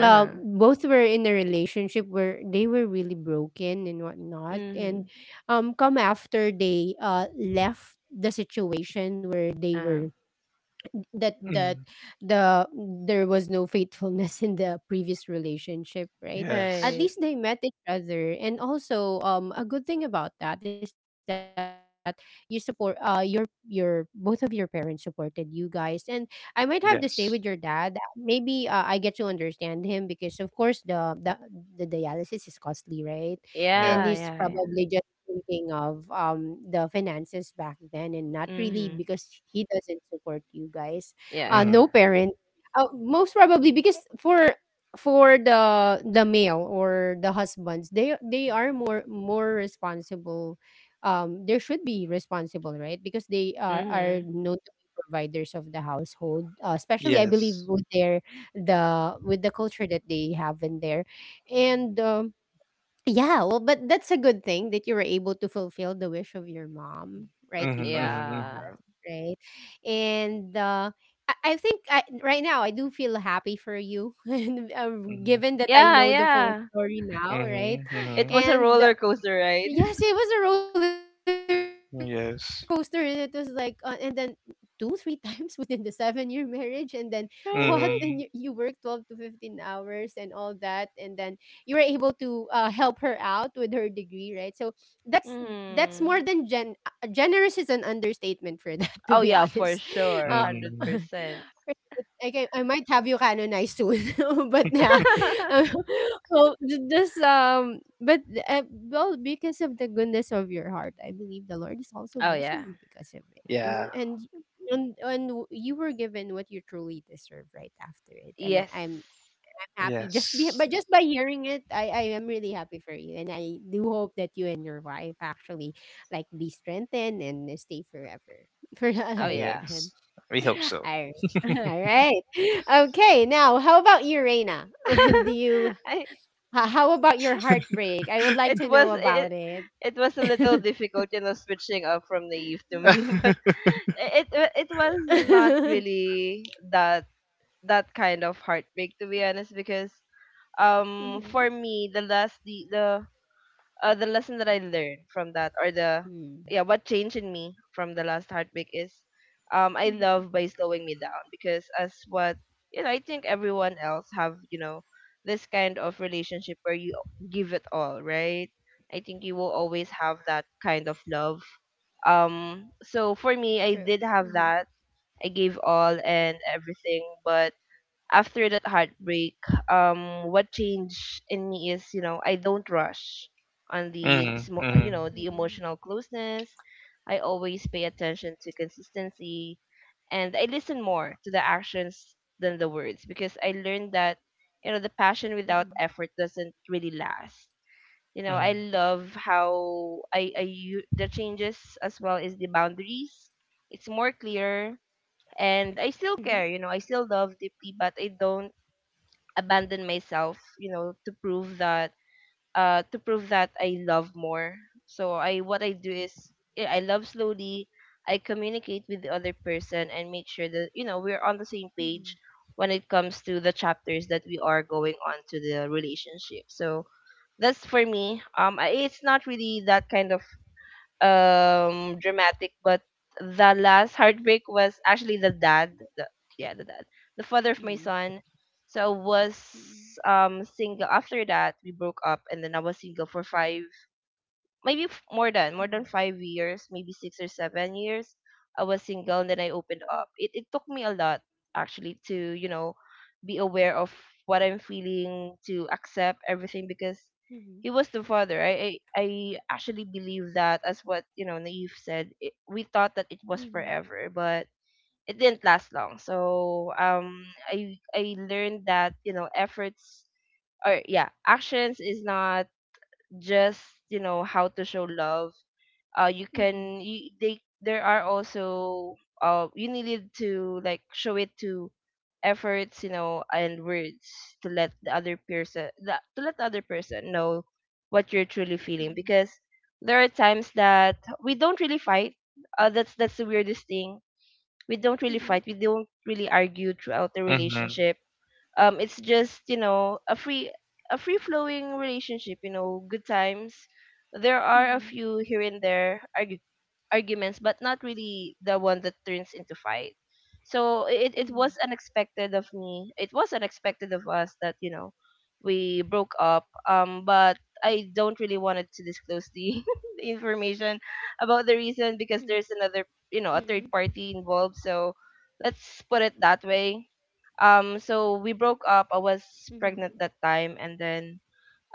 [SPEAKER 1] both were in a relationship where they were really broken and whatnot.
[SPEAKER 3] Mm-hmm.
[SPEAKER 1] And come after they left the situation where they
[SPEAKER 3] Uh-huh.
[SPEAKER 1] were that
[SPEAKER 2] Hmm.
[SPEAKER 1] that the there was no faithfulness in the previous relationship, right? At
[SPEAKER 2] Yes.
[SPEAKER 3] Right.
[SPEAKER 1] least they met each other, and also a good thing about that is that you support, your both of your parents supported you guys. And I might have to say with your dad,
[SPEAKER 2] Yes.
[SPEAKER 1] maybe I get to understand him because of course the dialysis is costly, right? And
[SPEAKER 2] Yeah.
[SPEAKER 3] Yeah,
[SPEAKER 1] he's
[SPEAKER 3] yeah, yeah.
[SPEAKER 1] probably just thinking of the finances back then, and not really
[SPEAKER 3] Mm-hmm.
[SPEAKER 1] because he doesn't support you guys.
[SPEAKER 3] Yeah, yeah.
[SPEAKER 1] No
[SPEAKER 2] Hmm.
[SPEAKER 1] parent, most probably because for the male or the husbands, they are more responsible. They should be responsible, right? Because they are
[SPEAKER 3] Mm-hmm.
[SPEAKER 1] known to be providers of the household. Especially, I believe,
[SPEAKER 2] Yes.
[SPEAKER 1] with the culture that they have in there. And. Yeah, well, but that's a good thing that you were able to fulfill the wish of your mom right
[SPEAKER 2] Mm-hmm,
[SPEAKER 1] before she,
[SPEAKER 2] mm-hmm,
[SPEAKER 3] Yeah.
[SPEAKER 1] right? And I think right now I do feel happy for you, and
[SPEAKER 2] mm-hmm,
[SPEAKER 1] given that I
[SPEAKER 3] Yeah,
[SPEAKER 1] know the full
[SPEAKER 3] yeah.
[SPEAKER 1] story now,
[SPEAKER 2] mm-hmm,
[SPEAKER 1] right?
[SPEAKER 2] mm-hmm. Mm-hmm.
[SPEAKER 3] It was a
[SPEAKER 1] And
[SPEAKER 3] roller coaster, right?
[SPEAKER 1] yes, it was a roller coaster, and it was like, and then
[SPEAKER 2] Yes.
[SPEAKER 1] two, three times within the seven-year marriage, and then what? And you work 12
[SPEAKER 3] Right?
[SPEAKER 1] to
[SPEAKER 2] Mm-hmm.
[SPEAKER 1] 15 hours and all that, and then you were able to help her out with her degree, right? So that's that's more than
[SPEAKER 3] Mm.
[SPEAKER 1] generous is an understatement for that, to be
[SPEAKER 3] Oh yeah,
[SPEAKER 1] honest.
[SPEAKER 3] for
[SPEAKER 1] Um,
[SPEAKER 3] sure.
[SPEAKER 2] Hmm.
[SPEAKER 3] 100%.
[SPEAKER 1] Like I might have you canonized soon, but yeah, um, well, j- just but well, because of the goodness of your heart, I believe the Lord is also
[SPEAKER 3] Oh
[SPEAKER 1] blessing
[SPEAKER 3] yeah.
[SPEAKER 1] you because of it,
[SPEAKER 2] Yeah.
[SPEAKER 1] and you were given what you truly deserve right after it, and
[SPEAKER 3] Yes.
[SPEAKER 1] I'm happy just be
[SPEAKER 2] Yes.
[SPEAKER 1] but just by hearing it. I am really happy for you, and I do hope that you and your wife actually like be strengthened and stay forever for a
[SPEAKER 3] Oh yeah.
[SPEAKER 2] Yes.
[SPEAKER 1] lifetime.
[SPEAKER 2] We hope so.
[SPEAKER 1] I, all right. Okay. Now, how about you, Reina? Do you,
[SPEAKER 3] I
[SPEAKER 1] how about your heartbreak? I would like
[SPEAKER 3] It
[SPEAKER 1] to
[SPEAKER 3] was
[SPEAKER 1] know
[SPEAKER 3] it,
[SPEAKER 1] about it.
[SPEAKER 3] it was a little difficult, you know, switching up from naive to me, but it was not really that that kind of heartbreak, to be honest, because
[SPEAKER 1] Mm-hmm.
[SPEAKER 3] for me the last the lesson that I learned from that, or the,
[SPEAKER 1] Hmm.
[SPEAKER 3] yeah, what changed in me from the last heartbreak is, I
[SPEAKER 1] Mm-hmm.
[SPEAKER 3] love by slowing me down because as what, you know, I think everyone else have, you know, this kind of relationship where you give it all, right? I think you will always have that kind of love. So for me, I
[SPEAKER 1] True.
[SPEAKER 3] did have
[SPEAKER 1] Mhm.
[SPEAKER 3] that. I gave all and everything, but after that heartbreak, what changed in me is, you know, I don't rush on the,
[SPEAKER 2] Hmm. Hmm.
[SPEAKER 3] you know, the
[SPEAKER 1] Mhm.
[SPEAKER 3] emotional closeness. I always pay attention to consistency, and I listen more to the actions than the words because I learned that, you know, the passion without
[SPEAKER 1] Mhm.
[SPEAKER 3] effort doesn't really last. You know,
[SPEAKER 2] Hmm.
[SPEAKER 3] I love how the changes, as well as the boundaries. It's more clear,
[SPEAKER 1] Mhm.
[SPEAKER 3] and I still care, you know, I still love deeply, but I don't abandon myself, you know, to prove that I love more. So I what I do is eh, I love slowly, I communicate with the other person and make sure that, you know, we're on the same
[SPEAKER 1] Mhm.
[SPEAKER 3] page when it comes to the chapters that we are going on to the relationship. So that's for me, it's not really that kind, dramatic. But the last heartbreak was actually the dad, the, yeah, the father of my
[SPEAKER 1] Mm.
[SPEAKER 3] son. So I was
[SPEAKER 1] Mhm.
[SPEAKER 3] single. After that we broke up and then I was single for five, maybe more than
[SPEAKER 1] Mhm.
[SPEAKER 3] 5 years, maybe 6 or 7 years. I was single, and then I opened up. It took me a lot actually to, you know, be aware of what I'm feeling, to accept everything because he
[SPEAKER 1] Mhm.
[SPEAKER 3] was the father. I actually believe that as what, you know, Naive said. It, we thought that it was
[SPEAKER 1] Mhm,
[SPEAKER 3] forever, but it didn't last long. So I learned that, you know, efforts or, yeah, actions is not just, you know, how to show love.
[SPEAKER 1] mhm,
[SPEAKER 3] They, there are also you needed to like show it to efforts, you know, and words to let the other person that to let the other person know what you're truly feeling
[SPEAKER 1] mhm,
[SPEAKER 3] because there are times that we don't really fight. That's the weirdest thing, we don't really
[SPEAKER 1] mhm,
[SPEAKER 3] fight, we don't really argue throughout the
[SPEAKER 2] Hmm.
[SPEAKER 3] relationship. Um, it's just, you know, a free, flowing relationship, you know, good times. There are a
[SPEAKER 1] mhm,
[SPEAKER 3] few here and there argu- Arguments, but not really the one that turns into fight. So it
[SPEAKER 1] mhm,
[SPEAKER 3] was unexpected of me. It was unexpected of us that, you know, we broke up. But I don't really wanted to disclose the, the information about the reason because there's
[SPEAKER 1] mhm,
[SPEAKER 3] another, you know, a third party involved. So let's put it that way. So we broke
[SPEAKER 1] mhm,
[SPEAKER 3] up. I
[SPEAKER 1] mhm,
[SPEAKER 3] was pregnant that time, and then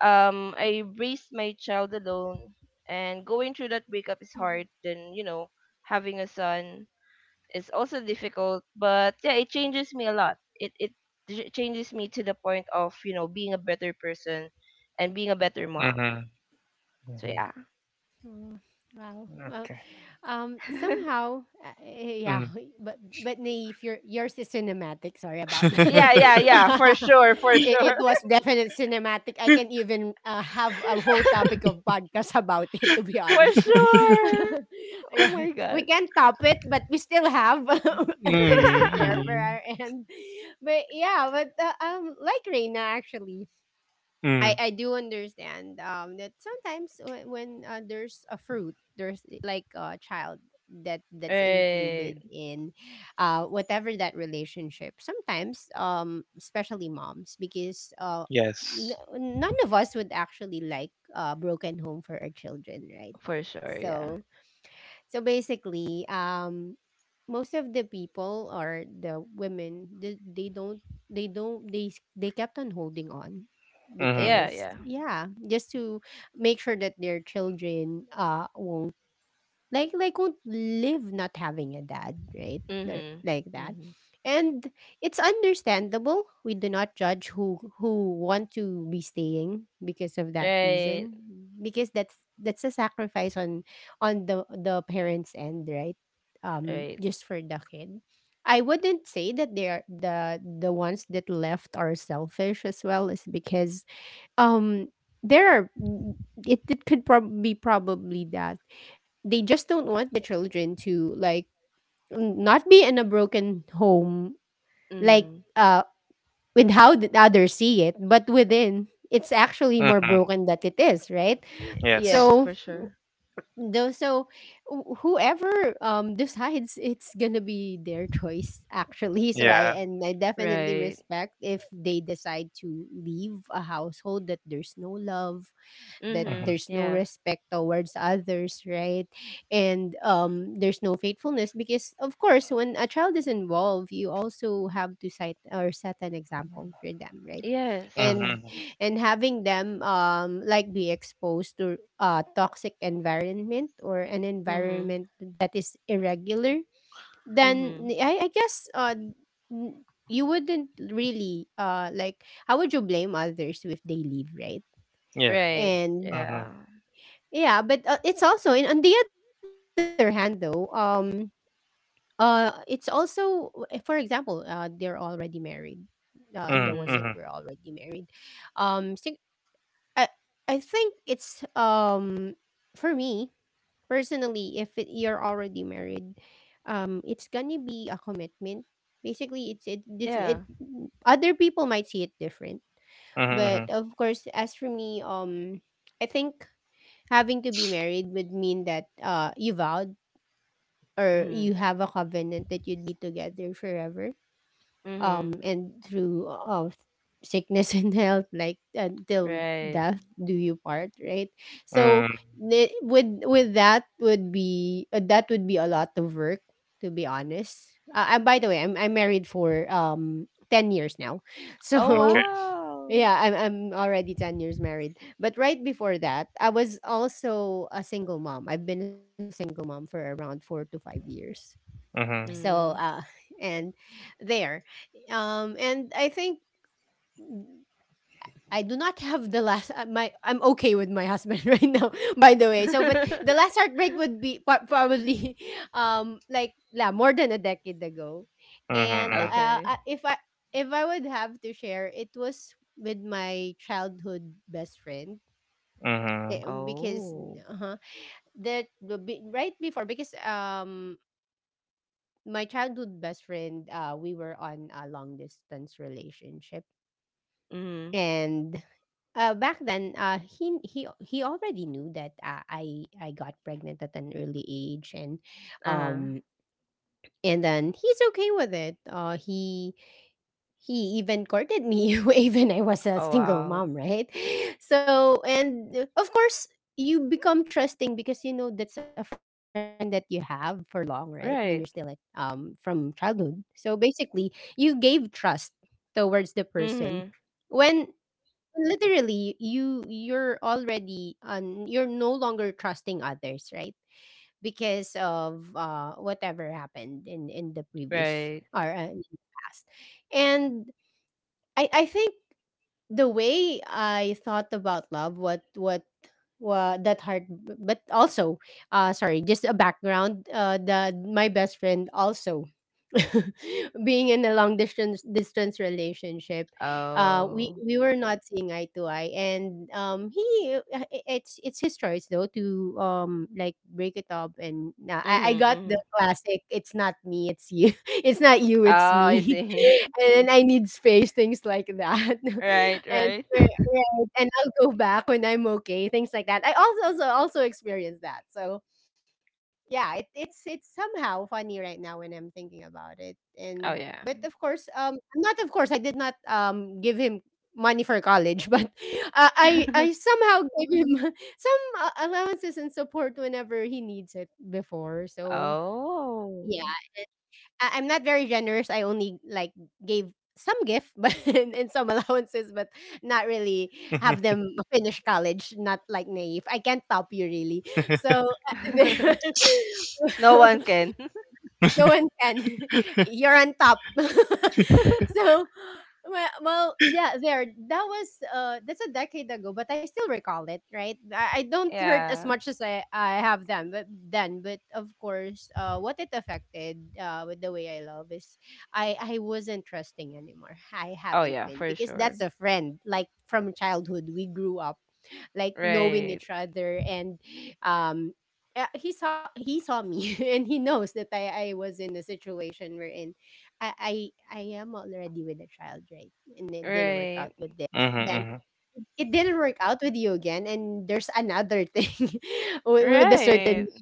[SPEAKER 3] I raised my child alone, and going through that breakup is
[SPEAKER 1] mhm.
[SPEAKER 3] hard then, you know, having a son is also difficult. But yeah, it changes me a lot. Changes me to the point of, you know, being a better person and being a better
[SPEAKER 2] Hmm.
[SPEAKER 3] mom. So
[SPEAKER 2] Hmm.
[SPEAKER 3] yeah.
[SPEAKER 1] Oh, wow. Wow.
[SPEAKER 2] Okay.
[SPEAKER 1] Somehow, yeah,
[SPEAKER 2] Hmm.
[SPEAKER 1] but Naive, yours is cinematic. Sorry about that.
[SPEAKER 3] Yeah, yeah, yeah, for sure, for sure.
[SPEAKER 1] It was definite cinematic. I can even have a whole topic of podcast about it, to be
[SPEAKER 3] For
[SPEAKER 1] honest.
[SPEAKER 3] sure, oh
[SPEAKER 1] Yeah,
[SPEAKER 3] my
[SPEAKER 1] we
[SPEAKER 3] god.
[SPEAKER 1] can top it, but we still have things
[SPEAKER 2] Hmm.
[SPEAKER 1] to share for
[SPEAKER 2] Hmm.
[SPEAKER 1] our end. But yeah, but like Reina, actually,
[SPEAKER 2] Hmm.
[SPEAKER 1] I do understand that sometimes when, there's a fruit, like a child that that's
[SPEAKER 3] Right,
[SPEAKER 1] included in whatever that relationship. Sometimes especially moms, because
[SPEAKER 2] Yes.
[SPEAKER 1] n- none of us would actually like a broken home for our children, right?
[SPEAKER 3] for sure, yeah,
[SPEAKER 1] So, so basically, most of the people, or the women, they don't, they don't, they s- they kept on holding on
[SPEAKER 2] Hmm.
[SPEAKER 3] yeah,
[SPEAKER 1] because,
[SPEAKER 3] yeah.
[SPEAKER 1] yeah, just to make sure that their children won't, like, they could live not having a dad, right? they
[SPEAKER 3] Mhm,
[SPEAKER 1] like that
[SPEAKER 3] mhm,
[SPEAKER 1] And it's understandable. We do not judge who want to be staying because of that
[SPEAKER 3] right,
[SPEAKER 1] reason, because that's a sacrifice on the parents' end, right?
[SPEAKER 3] right.
[SPEAKER 1] Just for the kid. I wouldn't say that the ones that left are selfish as well, is because um there are it could be probably that they just don't want the children to, like, not be in a broken home, like,
[SPEAKER 3] Mm.
[SPEAKER 1] uh with how the others see it, but within, it's actually more
[SPEAKER 2] Hmm.
[SPEAKER 1] broken that it is, right?
[SPEAKER 3] Yes,
[SPEAKER 2] Yes.
[SPEAKER 1] so
[SPEAKER 3] for sure.
[SPEAKER 1] so whoever decides, it's gonna be their choice, actually. So I
[SPEAKER 2] Yeah.
[SPEAKER 1] and I definitely
[SPEAKER 3] Right.
[SPEAKER 1] respect if they decide to leave a household that there's no love, that
[SPEAKER 2] Hmm.
[SPEAKER 3] Mm-hmm.
[SPEAKER 1] there's no
[SPEAKER 3] Yeah.
[SPEAKER 1] respect towards others, right? And there's no faithfulness, because of course, when a child is involved, you also have to cite or set an example for them, right?
[SPEAKER 3] Yes.
[SPEAKER 1] And
[SPEAKER 2] Hmm.
[SPEAKER 1] having them, like, be exposed to a toxic environment, or an
[SPEAKER 3] Mm-hmm.
[SPEAKER 1] environment that is irregular, then
[SPEAKER 3] Mm-hmm.
[SPEAKER 1] I guess, you wouldn't really, uh, like, how would you blame others if they leave, right?
[SPEAKER 2] Yeah.
[SPEAKER 3] Right.
[SPEAKER 1] And
[SPEAKER 2] Hmm.
[SPEAKER 3] Yeah.
[SPEAKER 1] yeah, but it's also on the other hand though, it's also, for example, they're already married. The ones
[SPEAKER 2] Hmm.
[SPEAKER 1] that
[SPEAKER 3] Mm-hmm.
[SPEAKER 1] were
[SPEAKER 2] Hmm.
[SPEAKER 1] already married. Um sing- I, I think it's for me personally, if it, you're already married, it's going to be a commitment. Basically
[SPEAKER 3] Yeah.
[SPEAKER 1] other people might see it different,
[SPEAKER 2] Hmm.
[SPEAKER 1] but
[SPEAKER 2] Hmm.
[SPEAKER 1] of course, as for me, I think having to be married would mean that you vowed, or you
[SPEAKER 3] Mm-hmm.
[SPEAKER 1] have a covenant, that you'd be together forever,
[SPEAKER 3] Mm-hmm.
[SPEAKER 1] and through sickness and health, like until
[SPEAKER 3] Right.
[SPEAKER 1] death do you part, right? So
[SPEAKER 2] Hmm.
[SPEAKER 1] with that would be, that would be a lot of work, to be honest. And by the way, I'm married for 10 years now,
[SPEAKER 3] Oh
[SPEAKER 2] Okay.
[SPEAKER 1] so
[SPEAKER 3] wow.
[SPEAKER 1] yeah, I'm already 10 years married. But right before that, I was also a single mom. I've been a single mom for around 4 to 5 years.
[SPEAKER 2] Hmm.
[SPEAKER 1] So,
[SPEAKER 3] Mm.
[SPEAKER 1] uh, and there. And I think I do not have the last, my I'm okay with my husband right now, by the way. So, but the last heartbreak would be probably like, yeah, more than a decade ago.
[SPEAKER 2] Hmm.
[SPEAKER 1] And
[SPEAKER 2] Hmm.
[SPEAKER 3] Okay.
[SPEAKER 1] if I, if I would have to share, it was with my childhood best friend.
[SPEAKER 2] Hmm.
[SPEAKER 1] Because,
[SPEAKER 3] Oh.
[SPEAKER 1] uh-huh, right before, because my childhood best friend, we were on a long distance relationship.
[SPEAKER 3] Mm.
[SPEAKER 1] And back then, he already knew that I got pregnant at an early age,
[SPEAKER 3] Uh-huh.
[SPEAKER 1] um, and then he's okay with it. He even courted me even I was a
[SPEAKER 3] Oh
[SPEAKER 1] single
[SPEAKER 3] wow.
[SPEAKER 1] mom, right? So, and of course, you become trusting, because you know that's a friend that you have for long, right? When you're still at,
[SPEAKER 3] Right.
[SPEAKER 1] from childhood, so basically, you gave trust towards the person
[SPEAKER 3] Mm-hmm.
[SPEAKER 1] when literally you're already on, you're no longer trusting others, right? Because of whatever happened in the previous
[SPEAKER 3] Right.
[SPEAKER 1] or in the past. And I think the way I thought about love, what that heart but also uh, sorry, just a background, the my best friend also being in a long distance relationship,
[SPEAKER 3] Oh.
[SPEAKER 1] we were not seeing eye to eye. And he, it's his choice though, to like break it up. And nah,
[SPEAKER 3] Mm-hmm.
[SPEAKER 1] I got the
[SPEAKER 3] Mm-hmm.
[SPEAKER 1] classic "it's not me, it's you," "it's not you,
[SPEAKER 3] Oh,
[SPEAKER 1] it's
[SPEAKER 3] I
[SPEAKER 1] me,"
[SPEAKER 3] see.
[SPEAKER 1] and then "I need space," things like that.
[SPEAKER 3] Right,
[SPEAKER 1] and
[SPEAKER 3] right.
[SPEAKER 1] we right, and "I'll go back when I'm okay," things like that. I also, also experienced that. So yeah, it's somehow funny right now when I'm thinking about it. And,
[SPEAKER 3] Oh yeah.
[SPEAKER 1] but of course, not, of course, I did not give him money for college, but I somehow gave him some, allowances and support whenever he needs it before. So
[SPEAKER 3] Oh.
[SPEAKER 1] I'm not very generous. I only, like, gave some gift, but and some allowances, but not really
[SPEAKER 2] Hmm.
[SPEAKER 1] have them finish college. Not like Naive. I can't top you really. So, there,
[SPEAKER 3] No one can.
[SPEAKER 1] no one can. You're on top. So, well, well, yeah, there. That was, that's a decade ago, but I still recall it, right? I don't hurt as
[SPEAKER 3] Yeah.
[SPEAKER 1] much as I have then, but of course, what it affected, with the way I love, is I wasn't trusting anymore. I
[SPEAKER 3] Oh
[SPEAKER 1] haven't
[SPEAKER 3] yeah,
[SPEAKER 1] been,
[SPEAKER 3] for
[SPEAKER 1] because
[SPEAKER 3] sure.
[SPEAKER 1] that's a friend, like, from childhood. We grew up like knowing
[SPEAKER 3] Right.
[SPEAKER 1] each other, and um he saw, he saw me and he knows that I was in the situation we're in. I am already with a child, right? And it didn't work
[SPEAKER 3] Right.
[SPEAKER 1] out with this. Then
[SPEAKER 2] Hmm.
[SPEAKER 1] it didn't work out with you again, and there's another thing with a
[SPEAKER 3] Right.
[SPEAKER 1] certain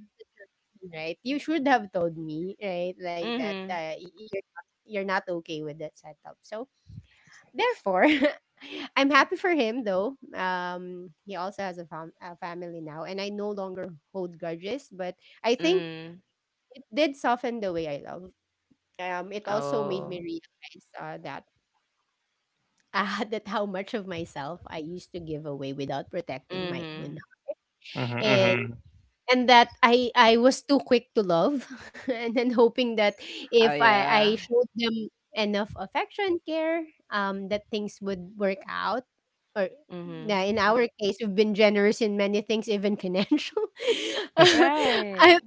[SPEAKER 1] man, right? You should have told me, right? Like that,
[SPEAKER 3] Mhm.
[SPEAKER 1] you're not okay with that setup. So therefore, I'm happy for him though. He also has a, a family now, and I no longer hold grudges, but I think
[SPEAKER 3] Mm.
[SPEAKER 1] did soften the way I love. It also made
[SPEAKER 3] Oh.
[SPEAKER 1] me realize that that how much of myself I used to give away without protecting my
[SPEAKER 3] Mhm.
[SPEAKER 1] own, and
[SPEAKER 2] Hmm.
[SPEAKER 1] that I was too quick to love, and then hoping that
[SPEAKER 3] Oh
[SPEAKER 1] if I
[SPEAKER 3] yeah.
[SPEAKER 1] I showed them enough affection care, that things would work out, or
[SPEAKER 3] Mhm.
[SPEAKER 1] now in our case we've been generous in many things, even financial.
[SPEAKER 3] Right.
[SPEAKER 1] I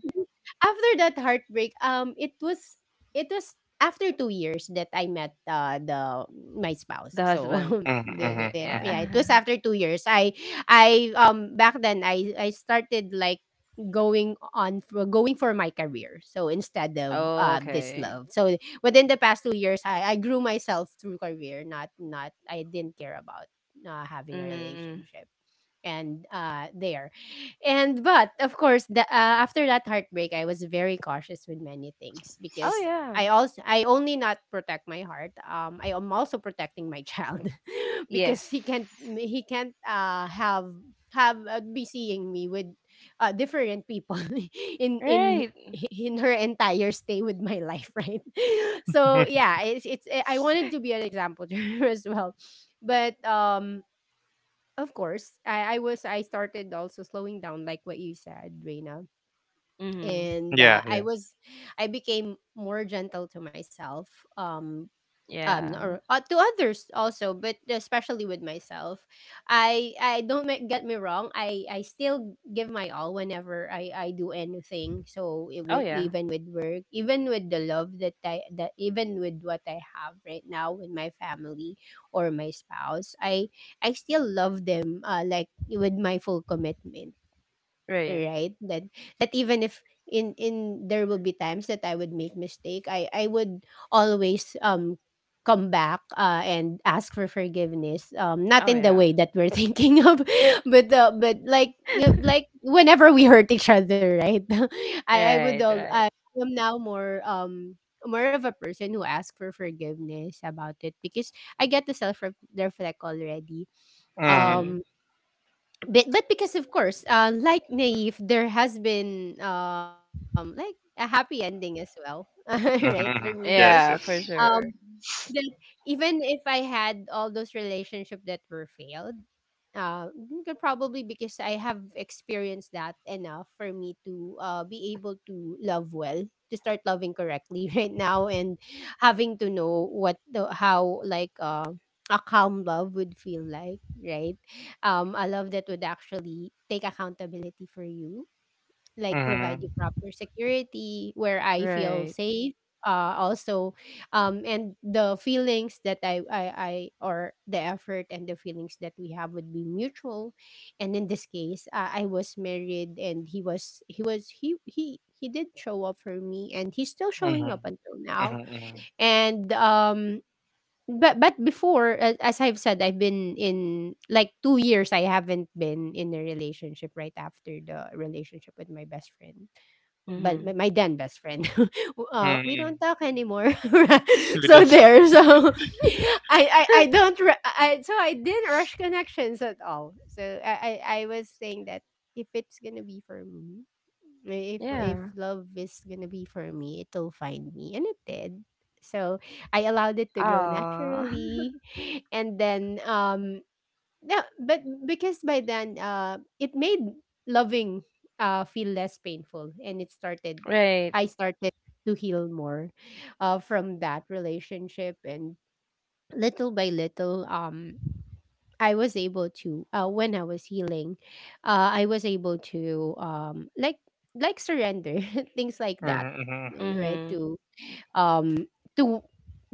[SPEAKER 1] after that heartbreak, it was after 2 years that I met the my
[SPEAKER 3] The
[SPEAKER 1] spouse. So
[SPEAKER 3] husband.
[SPEAKER 2] Hmm. Hmm.
[SPEAKER 3] Okay.
[SPEAKER 1] there, yeah, it
[SPEAKER 3] Yeah.
[SPEAKER 1] was after 2 years. I back then I started like going for my career, so instead of this
[SPEAKER 3] Okay.
[SPEAKER 1] love. So within the past 2 years, I grew myself through career, not not I didn't care about having a
[SPEAKER 3] Mhm. Mm.
[SPEAKER 1] relationship, and there and but of course the after that heartbreak, I was very cautious with many things
[SPEAKER 3] Oh
[SPEAKER 1] because
[SPEAKER 3] yeah.
[SPEAKER 1] I only not protect my heart, I am also protecting my child
[SPEAKER 3] Yes.
[SPEAKER 1] because he can't have be seeing me with different people in in
[SPEAKER 3] Right.
[SPEAKER 1] in her entire stay with my life, right? So yeah, it's I wanted to be an example to her as well. But of course, I started also slowing down like what you said, Reina.
[SPEAKER 3] Mhm.
[SPEAKER 1] And
[SPEAKER 2] Yeah.
[SPEAKER 1] I
[SPEAKER 2] Yeah.
[SPEAKER 1] was I became more gentle to myself. um
[SPEAKER 3] Yeah.
[SPEAKER 1] or to others also, but especially with myself. I don't make, get me wrong, I still give my all whenever I do anything. So it,
[SPEAKER 3] Oh yeah.
[SPEAKER 1] even with work, even with the love that I that even with what I have right now with my family or my spouse, I still love them like with my full commitment,
[SPEAKER 3] Right.
[SPEAKER 1] right? That even if in in there will be times that I would make mistake, I would always come back and ask for forgiveness, not
[SPEAKER 3] Oh
[SPEAKER 1] in the
[SPEAKER 3] yeah.
[SPEAKER 1] way that we're thinking of, but like you, like whenever we hurt each other, right? i i would
[SPEAKER 3] Right.
[SPEAKER 1] al- i
[SPEAKER 3] Right.
[SPEAKER 1] am now more more of a person who asks for forgiveness about it because I get the self reflect already.
[SPEAKER 2] Mm,
[SPEAKER 3] Mhm.
[SPEAKER 1] um but because of course, like Naive, there has been like a happy ending as well, right?
[SPEAKER 2] mhm,
[SPEAKER 1] For me,
[SPEAKER 2] mhm.
[SPEAKER 1] because
[SPEAKER 2] Yes,
[SPEAKER 3] Yeah, for
[SPEAKER 2] yes.
[SPEAKER 1] um
[SPEAKER 3] sure.
[SPEAKER 1] that even if I had all those relationships that were failed, you could probably because I have experienced that enough for me to be able to love well, to start loving correctly right now, and having to know what the how like a calm love would feel like, right? A love that would actually take accountability for you, like provide you
[SPEAKER 2] Mhm,
[SPEAKER 1] proper security where I feel
[SPEAKER 3] Right.
[SPEAKER 1] safe. Also, and the feelings that I, or the effort and the feelings that we have would be mutual. And in this case, I was married, and he was, he was, he did show up for me, and he's still
[SPEAKER 2] mhm,
[SPEAKER 1] showing
[SPEAKER 2] mhm,
[SPEAKER 1] up until now.
[SPEAKER 2] mhm, mhm,
[SPEAKER 1] And but before, as I've said, I've been in like 2 years. I haven't been in a relationship right after the relationship with my best friend, but
[SPEAKER 3] Mm-hmm.
[SPEAKER 1] my then best friend we
[SPEAKER 2] mhm.
[SPEAKER 1] don't talk anymore.
[SPEAKER 2] We
[SPEAKER 1] So
[SPEAKER 2] don't-
[SPEAKER 1] there so I don't ru- I, so I didn't rush connections at all. So I was saying that if it's gonna be for me, if
[SPEAKER 3] Yeah.
[SPEAKER 1] love is gonna be for me, it'll find me. And it did. So I allowed it to grow
[SPEAKER 3] Oh.
[SPEAKER 1] naturally. And then no, but because by then, it made loving feel less painful, and it started.
[SPEAKER 3] Right.
[SPEAKER 1] I started to heal more, from that relationship, and little by little, I was able to. When I was healing, I was able to like surrender things like that,
[SPEAKER 2] Mhm, mhm.
[SPEAKER 1] right?
[SPEAKER 3] Mm-hmm.
[SPEAKER 1] To um to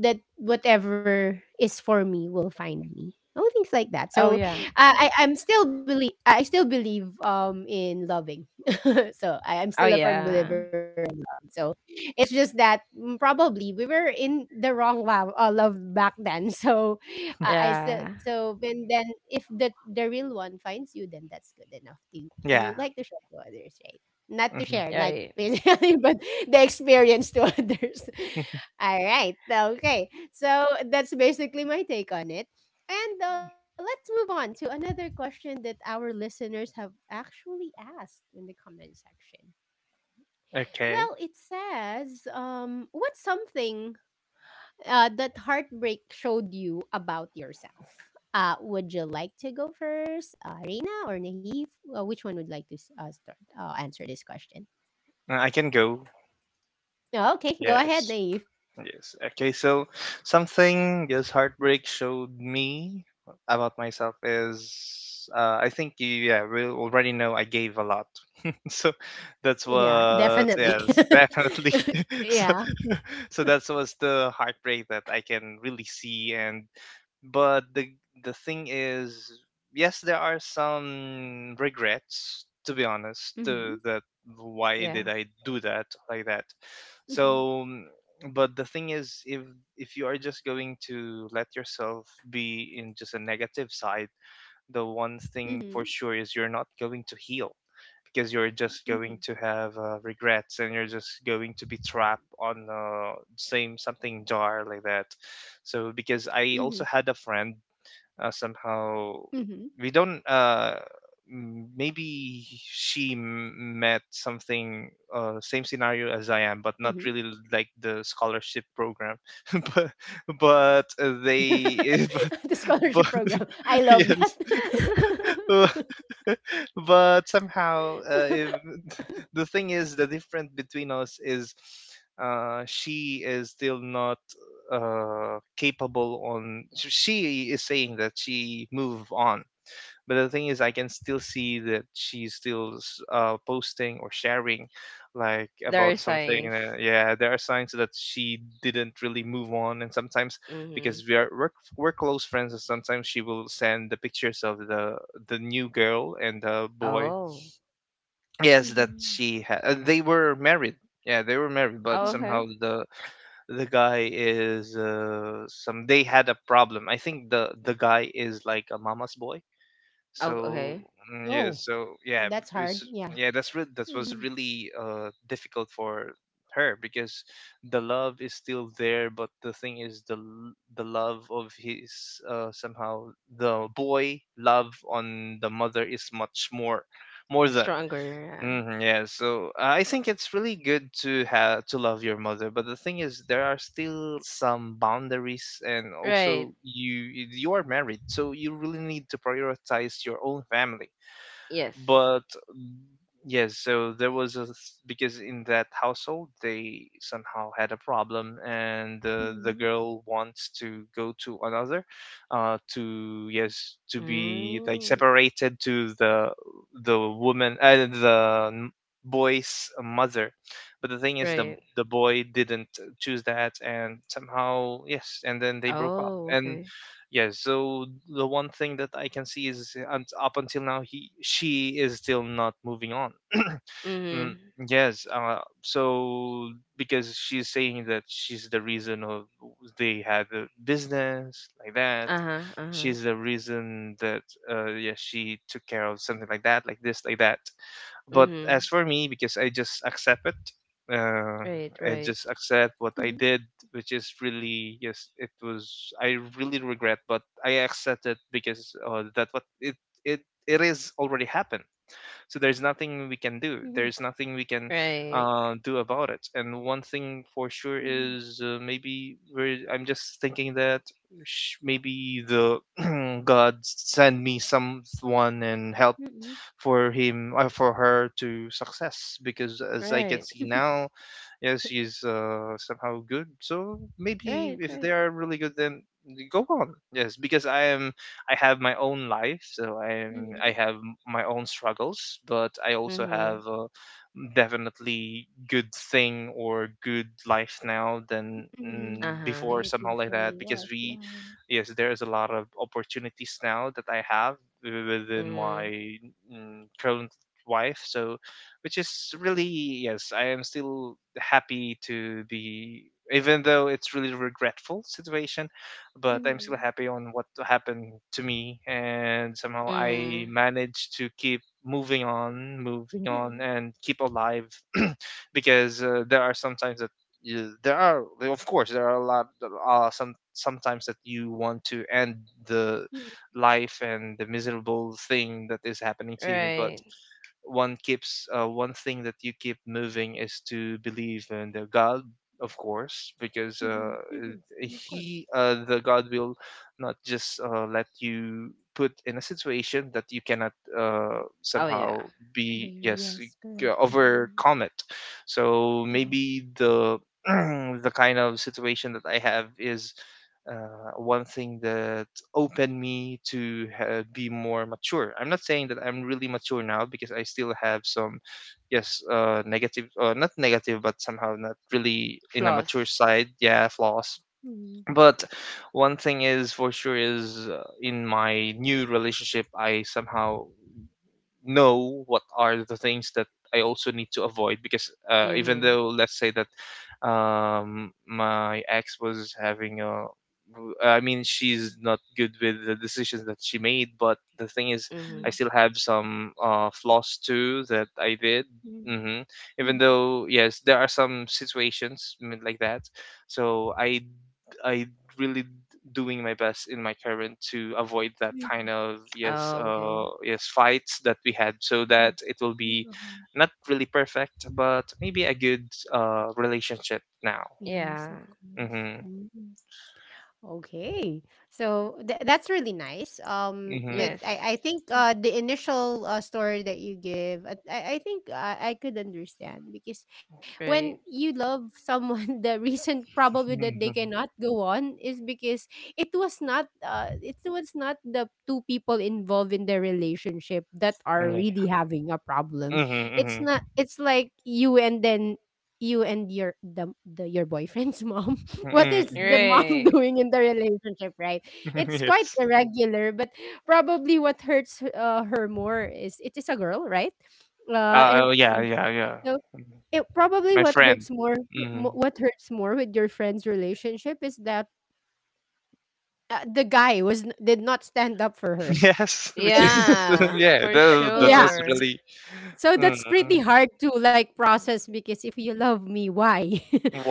[SPEAKER 1] that whatever is for me will find me, oh, things like that.
[SPEAKER 3] Oh
[SPEAKER 1] So
[SPEAKER 3] yeah.
[SPEAKER 1] I still believe in loving. So I'm
[SPEAKER 3] Oh
[SPEAKER 1] still a firm
[SPEAKER 3] yeah.
[SPEAKER 1] believer in love. So it's just that probably we were in the wrong love, back then. So I said
[SPEAKER 3] Yeah.
[SPEAKER 1] so when then if the real one finds you, then that's good enough to
[SPEAKER 2] Yeah.
[SPEAKER 1] share to others, right? Not to
[SPEAKER 2] Mhm.
[SPEAKER 1] share like
[SPEAKER 3] Right.
[SPEAKER 1] basically, but the experience to others. All right. Okay. So that's basically my take on it. And let's move on to another question that our listeners have actually asked in the comment section. Well,
[SPEAKER 2] Okay.
[SPEAKER 1] it says, what's something that heartbreak showed you about yourself? Would you like to go first, Reina or Naive? Which one would like to start answer this question?
[SPEAKER 2] I can go.
[SPEAKER 1] Okay, go ahead,
[SPEAKER 2] Yes.
[SPEAKER 1] Naive.
[SPEAKER 2] Yes. Okay. So something this heartbreak showed me about myself is I think you, yeah, we already know I gave a lot. So that's
[SPEAKER 1] Yeah,
[SPEAKER 2] what,
[SPEAKER 1] definitely.
[SPEAKER 2] yes, definitely.
[SPEAKER 1] Yeah.
[SPEAKER 2] So so that was the heartbreak that I can really see. And but the thing is, yes, there are some regrets. To be honest, to that, why
[SPEAKER 3] Yeah.
[SPEAKER 2] did I do that like that?
[SPEAKER 1] Mhm.
[SPEAKER 2] So, but the thing is, if you are just going to let yourself be in just a negative side, the one thing
[SPEAKER 1] Mhm.
[SPEAKER 2] for sure is you're not going to heal because you're just
[SPEAKER 1] Mhm.
[SPEAKER 2] going to have regrets, and you're just going to be trapped on same something jar like that. So because I
[SPEAKER 1] Mhm.
[SPEAKER 2] also had a friend somehow
[SPEAKER 1] Mhm.
[SPEAKER 2] we don't m- maybe she met something same
[SPEAKER 1] Mhm.
[SPEAKER 2] scenario as I am, but not really like the scholarship program but but
[SPEAKER 1] The
[SPEAKER 2] they but
[SPEAKER 1] scholarship program. I
[SPEAKER 2] but
[SPEAKER 1] love that.
[SPEAKER 2] yes but somehow, if, the thing is, the difference between us is she is still not capable on. She is saying that she move on, but the thing is, I can still see that she's still posting or sharing, like
[SPEAKER 3] There are
[SPEAKER 2] about something.
[SPEAKER 3] signs.
[SPEAKER 2] Yeah, there are signs that she didn't really move on, and sometimes
[SPEAKER 3] Mm-hmm.
[SPEAKER 2] because we are we're close friends, and sometimes she will send the pictures of the new girl and the boy.
[SPEAKER 3] Oh.
[SPEAKER 2] Yes, that
[SPEAKER 1] Mhm.
[SPEAKER 2] they were married. Yeah, they were married,
[SPEAKER 3] Oh
[SPEAKER 2] but
[SPEAKER 1] Mhm.
[SPEAKER 3] okay.
[SPEAKER 2] somehow the guy is some they had a problem. I think the guy is like a mama's boy,
[SPEAKER 3] Oh
[SPEAKER 2] so
[SPEAKER 3] okay.
[SPEAKER 2] yeah,
[SPEAKER 1] Oh,
[SPEAKER 2] so yeah,
[SPEAKER 1] that's hard.
[SPEAKER 2] it's,
[SPEAKER 1] Yeah.
[SPEAKER 2] yeah, that was
[SPEAKER 1] Mhm.
[SPEAKER 2] really difficult for her because the love is still there, but the thing is the love of his somehow the boy love on the mother is much more more than
[SPEAKER 3] Stronger.
[SPEAKER 2] hmm, yeah, so I think it's really good to have to love your mother, but the thing is, there are still some boundaries, and
[SPEAKER 3] Yeah. Right.
[SPEAKER 2] also you are married, so you really need to prioritize your own family.
[SPEAKER 3] Yes.
[SPEAKER 2] But yes, so there was a because in that household they somehow had a problem, and the
[SPEAKER 1] Mhm.
[SPEAKER 2] girl wants to go to another, to, yes, to be like
[SPEAKER 3] Mm.
[SPEAKER 2] separated to the woman, uh, the n- boy's mother. But the thing is, the
[SPEAKER 3] Right.
[SPEAKER 2] the boy didn't choose that, and somehow, yes, and then they broke up,
[SPEAKER 3] Oh
[SPEAKER 2] and
[SPEAKER 3] okay.
[SPEAKER 2] yeah, so the one thing that I can see is up until now, he, she is still not moving on. Mm,
[SPEAKER 3] Mm-hmm.
[SPEAKER 2] yes, so because she's saying that she's the reason of they had a business like that.
[SPEAKER 3] Uh-huh. Uh-huh.
[SPEAKER 2] She's the reason that yeah, she took care of something like that, like this, like that. But
[SPEAKER 3] Mm-hmm.
[SPEAKER 2] as for me, because I just accept it, uh,
[SPEAKER 3] Right.
[SPEAKER 1] Mhm.
[SPEAKER 2] I
[SPEAKER 3] Right.
[SPEAKER 2] just accept what I did, which is really, yes, it was, I really regret, but I accept it because that what it it it is already happened. So there's nothing we can do.
[SPEAKER 1] Mhm.
[SPEAKER 2] There's nothing we can
[SPEAKER 3] Right.
[SPEAKER 2] do about it. And one thing for sure
[SPEAKER 1] Mhm.
[SPEAKER 2] is maybe we're, I'm just thinking that maybe the God send me someone and help
[SPEAKER 1] Mhm.
[SPEAKER 2] for him, for her to success, because as I
[SPEAKER 3] Right.
[SPEAKER 2] can see now, yeah, she's somehow good. So
[SPEAKER 3] Right.
[SPEAKER 2] maybe if
[SPEAKER 3] Right.
[SPEAKER 2] they are really good, then go on. Yes, because I am, I have my own life, so I am, I
[SPEAKER 1] Mhm.
[SPEAKER 2] have my own struggles, but I also
[SPEAKER 3] Mhm.
[SPEAKER 2] have. Definitely good thing or good life now than,
[SPEAKER 1] Mhm.
[SPEAKER 3] Uh-huh.
[SPEAKER 1] Than
[SPEAKER 2] before,
[SPEAKER 1] it
[SPEAKER 2] somehow like that,
[SPEAKER 1] usually
[SPEAKER 2] because
[SPEAKER 1] was.
[SPEAKER 2] we,
[SPEAKER 1] Yeah.
[SPEAKER 2] yes, there's a lot of opportunities now that I have within my
[SPEAKER 3] Mm.
[SPEAKER 2] current wife. Which is really, yes, I am still happy to be, even though it's really regretful situation, but I'm still
[SPEAKER 1] Mhm.
[SPEAKER 2] happy on what happened to me, and somehow
[SPEAKER 3] Mhm.
[SPEAKER 2] I managed to keep moving on, moving on,
[SPEAKER 1] Mhm.
[SPEAKER 2] and keep alive. because there are sometimes that there are, of course there are a lot, some sometimes that you want to end the
[SPEAKER 1] Mhm.
[SPEAKER 2] life and the miserable thing that is happening to you. But
[SPEAKER 3] Right.
[SPEAKER 2] one keeps, one thing that you keep moving is to believe in the God, of course, because
[SPEAKER 1] Mhm, mhm. Of course.
[SPEAKER 2] he, the God will not just let you put in a situation that you cannot,
[SPEAKER 1] Mm.
[SPEAKER 3] Oh yeah.
[SPEAKER 2] somehow
[SPEAKER 1] Bear,
[SPEAKER 2] be,
[SPEAKER 1] yes,
[SPEAKER 2] yes,
[SPEAKER 1] correct. Mhm,
[SPEAKER 2] overcome it. So
[SPEAKER 1] mhm,
[SPEAKER 2] maybe the the kind of situation that I have is, one thing that opened me to be more mature. I'm not saying that I'm really mature now because I still have some, yes, negative, not negative, but somehow not really in a
[SPEAKER 3] Floss.
[SPEAKER 2] mature side. Yeah, flaws.
[SPEAKER 1] mhm,
[SPEAKER 2] But one thing is for sure is, in my new relationship, I somehow know what are the things that I also need to avoid, because even
[SPEAKER 3] Mhm.
[SPEAKER 2] though let's say that my ex was having a, I mean she's not good with the decisions that she made, but the thing is
[SPEAKER 1] mhm,
[SPEAKER 3] Mhm.
[SPEAKER 2] I still have some, flaws too that I did,
[SPEAKER 1] mhm,
[SPEAKER 2] hmm
[SPEAKER 1] mhm,
[SPEAKER 2] even though, yes, there are some situations, like that. So I really doing my best in my current to avoid that
[SPEAKER 1] mhm,
[SPEAKER 2] kind of, yes,
[SPEAKER 3] Oh, okay.
[SPEAKER 2] yes, fights that we had, so that
[SPEAKER 1] mhm,
[SPEAKER 2] it will
[SPEAKER 1] mhm,
[SPEAKER 2] be
[SPEAKER 1] mhm.
[SPEAKER 2] not really perfect but maybe a good relationship now.
[SPEAKER 3] Yeah.
[SPEAKER 1] Yes, of course.
[SPEAKER 2] mhm
[SPEAKER 1] Mm-hmm. Okay. So that's really nice.
[SPEAKER 2] mhm
[SPEAKER 3] Yes.
[SPEAKER 1] But I think the initial story that you give, I think I could understand, because when
[SPEAKER 3] Right.
[SPEAKER 1] you love someone the reason probably that they
[SPEAKER 2] mhm
[SPEAKER 1] cannot go on is because it was not the two people involved in the relationship that are
[SPEAKER 2] Yeah.
[SPEAKER 1] really having a problem.
[SPEAKER 2] mhm
[SPEAKER 1] It's
[SPEAKER 2] mhm
[SPEAKER 1] not, it's like you and then you and your the your boyfriend's mom. What is
[SPEAKER 2] mhm.
[SPEAKER 1] the mom
[SPEAKER 3] Right.
[SPEAKER 1] doing in the relationship, right? It's quite
[SPEAKER 2] Yes.
[SPEAKER 1] irregular, but probably what hurts her more is it is a girl, right? And
[SPEAKER 2] Oh, yeah.
[SPEAKER 1] so it probably
[SPEAKER 2] My
[SPEAKER 1] what
[SPEAKER 2] friend.
[SPEAKER 1] hurts more,
[SPEAKER 2] Mhm.
[SPEAKER 1] what hurts more with your friend's relationship is that the guy was did not stand up for her.
[SPEAKER 2] Yes, which is,
[SPEAKER 3] Yeah,
[SPEAKER 2] yeah,
[SPEAKER 3] for
[SPEAKER 2] that
[SPEAKER 1] Yeah.
[SPEAKER 2] was
[SPEAKER 3] sure.
[SPEAKER 2] really,
[SPEAKER 1] So
[SPEAKER 2] mm.
[SPEAKER 1] that's pretty hard to like process, because if you love me, why?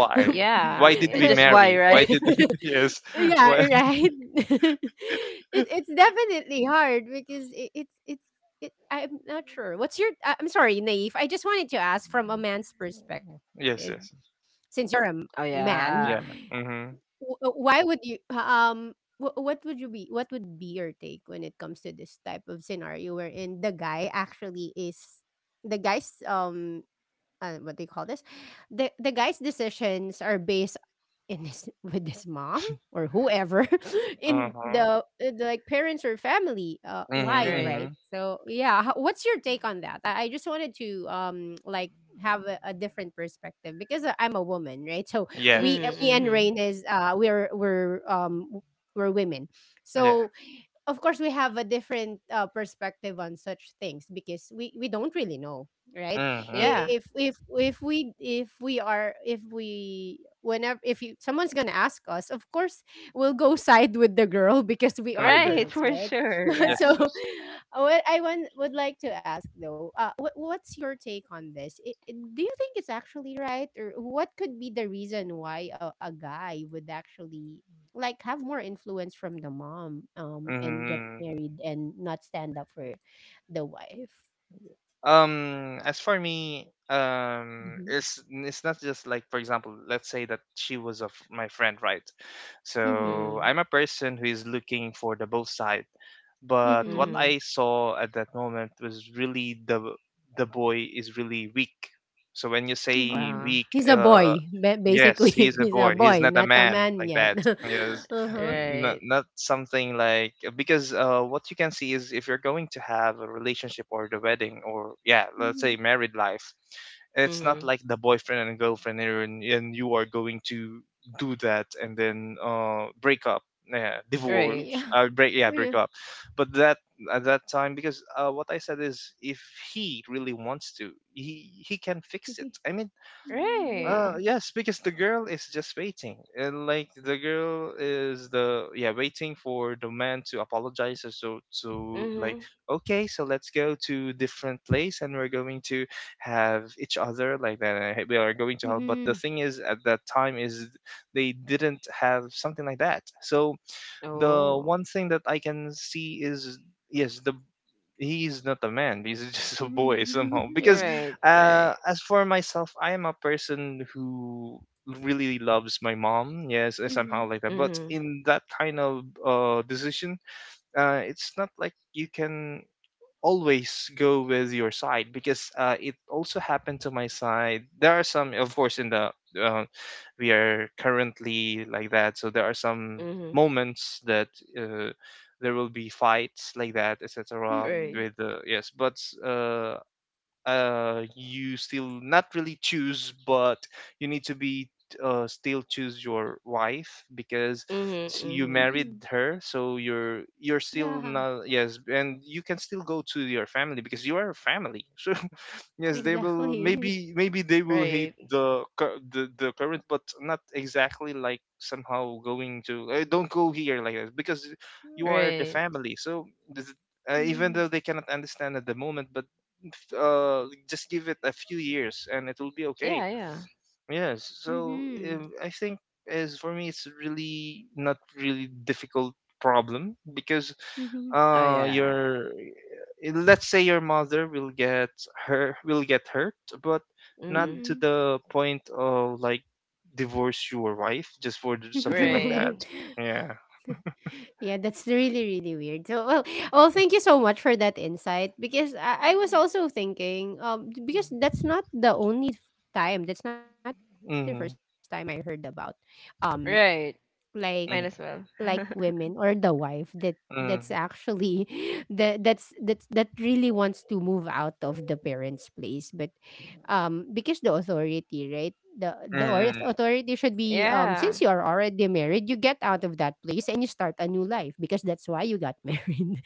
[SPEAKER 1] Like,
[SPEAKER 3] Yeah,
[SPEAKER 2] Why did
[SPEAKER 3] yeah.
[SPEAKER 2] we
[SPEAKER 3] Just why,
[SPEAKER 2] marry? Why
[SPEAKER 3] right?
[SPEAKER 2] did, yes?
[SPEAKER 1] yeah,
[SPEAKER 2] Why?
[SPEAKER 1] right. it, it's definitely hard because it's it, I'm not sure. What's your? I'm sorry, Naive. I just wanted to ask from a man's perspective,
[SPEAKER 2] Yes, yes.
[SPEAKER 1] since you're a
[SPEAKER 3] Oh
[SPEAKER 1] man.
[SPEAKER 3] yeah.
[SPEAKER 2] Yeah. Mhm.
[SPEAKER 1] Why would you what would you be, what would be your take when it comes to this type of scenario wherein the guy actually is the guy's what they call this? The guy's decisions are based in his with his mom or whoever in
[SPEAKER 2] Mhm.
[SPEAKER 1] the like parents or family wide,
[SPEAKER 2] Mhm.
[SPEAKER 3] Right.
[SPEAKER 1] right?
[SPEAKER 2] Mhm.
[SPEAKER 1] So yeah, what's your take on that? I just wanted to like have a different perspective because I'm a woman, right? So we
[SPEAKER 2] Yes,
[SPEAKER 3] Mhm.
[SPEAKER 2] yes.
[SPEAKER 1] me and
[SPEAKER 3] Mhm.
[SPEAKER 1] Rain is we're women.
[SPEAKER 2] Yeah.
[SPEAKER 1] So of course we have a different perspective on such things because we don't really know, right? I-
[SPEAKER 2] Mhm.
[SPEAKER 3] Yeah.
[SPEAKER 1] if we are if we whenever, if you, someone's gonna ask us, of course we'll go side with the girl because we are
[SPEAKER 2] Mhm.
[SPEAKER 3] Right,
[SPEAKER 1] girls,
[SPEAKER 3] for
[SPEAKER 1] right?
[SPEAKER 3] sure. Yeah.
[SPEAKER 2] Yes,
[SPEAKER 1] So
[SPEAKER 2] yes.
[SPEAKER 1] what would like to ask though, what's your take on this? Do you think it's actually right, or what could be the reason why a guy would actually like have more influence from the mom and get
[SPEAKER 2] Mhm.
[SPEAKER 1] married and not stand up for the wife?
[SPEAKER 2] As for me,
[SPEAKER 1] Mm-hmm.
[SPEAKER 2] it's not just like, for example, let's say that she was of my friend, right?
[SPEAKER 1] Mm-hmm.
[SPEAKER 2] So
[SPEAKER 3] Mhm.
[SPEAKER 2] I'm a person who is looking for the both side, but what
[SPEAKER 1] Mm-hmm.
[SPEAKER 3] Mhm.
[SPEAKER 2] I saw at that moment was really the boy is really weak. So when you say
[SPEAKER 1] Mm-hmm.
[SPEAKER 3] Uh,
[SPEAKER 2] weak,
[SPEAKER 1] He's a boy,
[SPEAKER 2] yes, he's
[SPEAKER 1] basically.
[SPEAKER 2] a
[SPEAKER 1] He's
[SPEAKER 2] boy.
[SPEAKER 1] a
[SPEAKER 2] He's
[SPEAKER 1] boy,
[SPEAKER 2] not a
[SPEAKER 1] not a
[SPEAKER 2] man
[SPEAKER 1] man
[SPEAKER 2] like
[SPEAKER 1] yet.
[SPEAKER 2] that. Yes,
[SPEAKER 1] Uh-huh.
[SPEAKER 2] not,
[SPEAKER 3] right.
[SPEAKER 2] not something like, because what you can see is, if you're going to have a relationship or the wedding or, yeah, let's
[SPEAKER 1] Mm-hmm.
[SPEAKER 2] say married life, it's not
[SPEAKER 3] Mhm.
[SPEAKER 2] like the boyfriend and girlfriend here, and you are going to do that and then, break up, yeah, divorce,
[SPEAKER 3] Right.
[SPEAKER 1] Yeah.
[SPEAKER 2] break, yeah,
[SPEAKER 1] Yeah.
[SPEAKER 2] break up. But that, at that time, because what I said is, if he really wants to, he can fix it. I mean,
[SPEAKER 1] Yeah.
[SPEAKER 3] Right.
[SPEAKER 2] yes, because the girl is just waiting. And like the girl is the, yeah, waiting for the man to apologize. And so, so like,
[SPEAKER 3] Mhm.
[SPEAKER 2] okay, so let's go to different place and we're going to have each other like that. And, "Hey, we are going to have." But the
[SPEAKER 1] Mm-hmm.
[SPEAKER 2] thing is, at that time is they didn't have something like that. So the
[SPEAKER 3] Oh,
[SPEAKER 2] one thing that I can see is, yes, the, he's not a man, he's just a boy somehow because,
[SPEAKER 1] Mm-hmm.
[SPEAKER 3] right, right.
[SPEAKER 2] as for myself, I am a person who really loves my mom, yes, and somehow
[SPEAKER 1] Mm-hmm.
[SPEAKER 2] like that, but
[SPEAKER 3] Mhm,
[SPEAKER 2] in that kind of decision, it's not like you can always go with your side, because it also happened to my side. There are some, of course, in the, uh, we are currently like that, so there are some
[SPEAKER 3] mhm,
[SPEAKER 2] moments that, uh, there will be fights like that, etc.
[SPEAKER 3] right.
[SPEAKER 1] Mm-hmm.
[SPEAKER 2] With, yes, but uh, you still not really choose, but you need to be, still choose your wife, because
[SPEAKER 3] Mhm,
[SPEAKER 2] you
[SPEAKER 3] mhm,
[SPEAKER 1] Mm-hmm.
[SPEAKER 2] married her, so you're still
[SPEAKER 1] Yeah.
[SPEAKER 2] not, yes, and you can still go to your family because you are a family. So yes, they will,
[SPEAKER 1] Exactly.
[SPEAKER 2] maybe, maybe they will hate
[SPEAKER 3] right,
[SPEAKER 2] the the current, but not exactly like somehow going to, don't go here like that, because you are the
[SPEAKER 3] right.
[SPEAKER 2] family. So this- even
[SPEAKER 1] Mm-hmm.
[SPEAKER 2] though they cannot understand at the moment, but just give it a few years and it will be okay.
[SPEAKER 3] Yeah, yeah.
[SPEAKER 2] Yes. So
[SPEAKER 1] Mm-hmm.
[SPEAKER 2] I think, as for me, it's really not really difficult problem, because
[SPEAKER 1] Mm-hmm.
[SPEAKER 3] Oh, yeah.
[SPEAKER 2] your, eh, let's say your mother will get her, will get hurt, but not
[SPEAKER 3] Mhm,
[SPEAKER 1] Mm-hmm.
[SPEAKER 2] to the point of like divorce your wife just for something like that.
[SPEAKER 1] Woman.
[SPEAKER 3] right,
[SPEAKER 2] Yeah.
[SPEAKER 1] Yeah, that's really, really weird. Well, thank you so much for that insight because I was also thinking, because that's not the time, that's not the first time I heard
[SPEAKER 2] Mm-hmm.
[SPEAKER 1] about, um,
[SPEAKER 3] right.
[SPEAKER 1] like
[SPEAKER 3] Might
[SPEAKER 2] Mm-hmm.
[SPEAKER 3] as
[SPEAKER 1] like
[SPEAKER 3] well.
[SPEAKER 1] women or the wife that that's
[SPEAKER 2] Mm-hmm.
[SPEAKER 1] actually that that's that really wants to move out of the parents place but because the authority, right, the
[SPEAKER 2] Mm-hmm.
[SPEAKER 1] authority should be,
[SPEAKER 3] Yeah.
[SPEAKER 1] since you are already married you get out of that place and you start a new life because that's why you got married,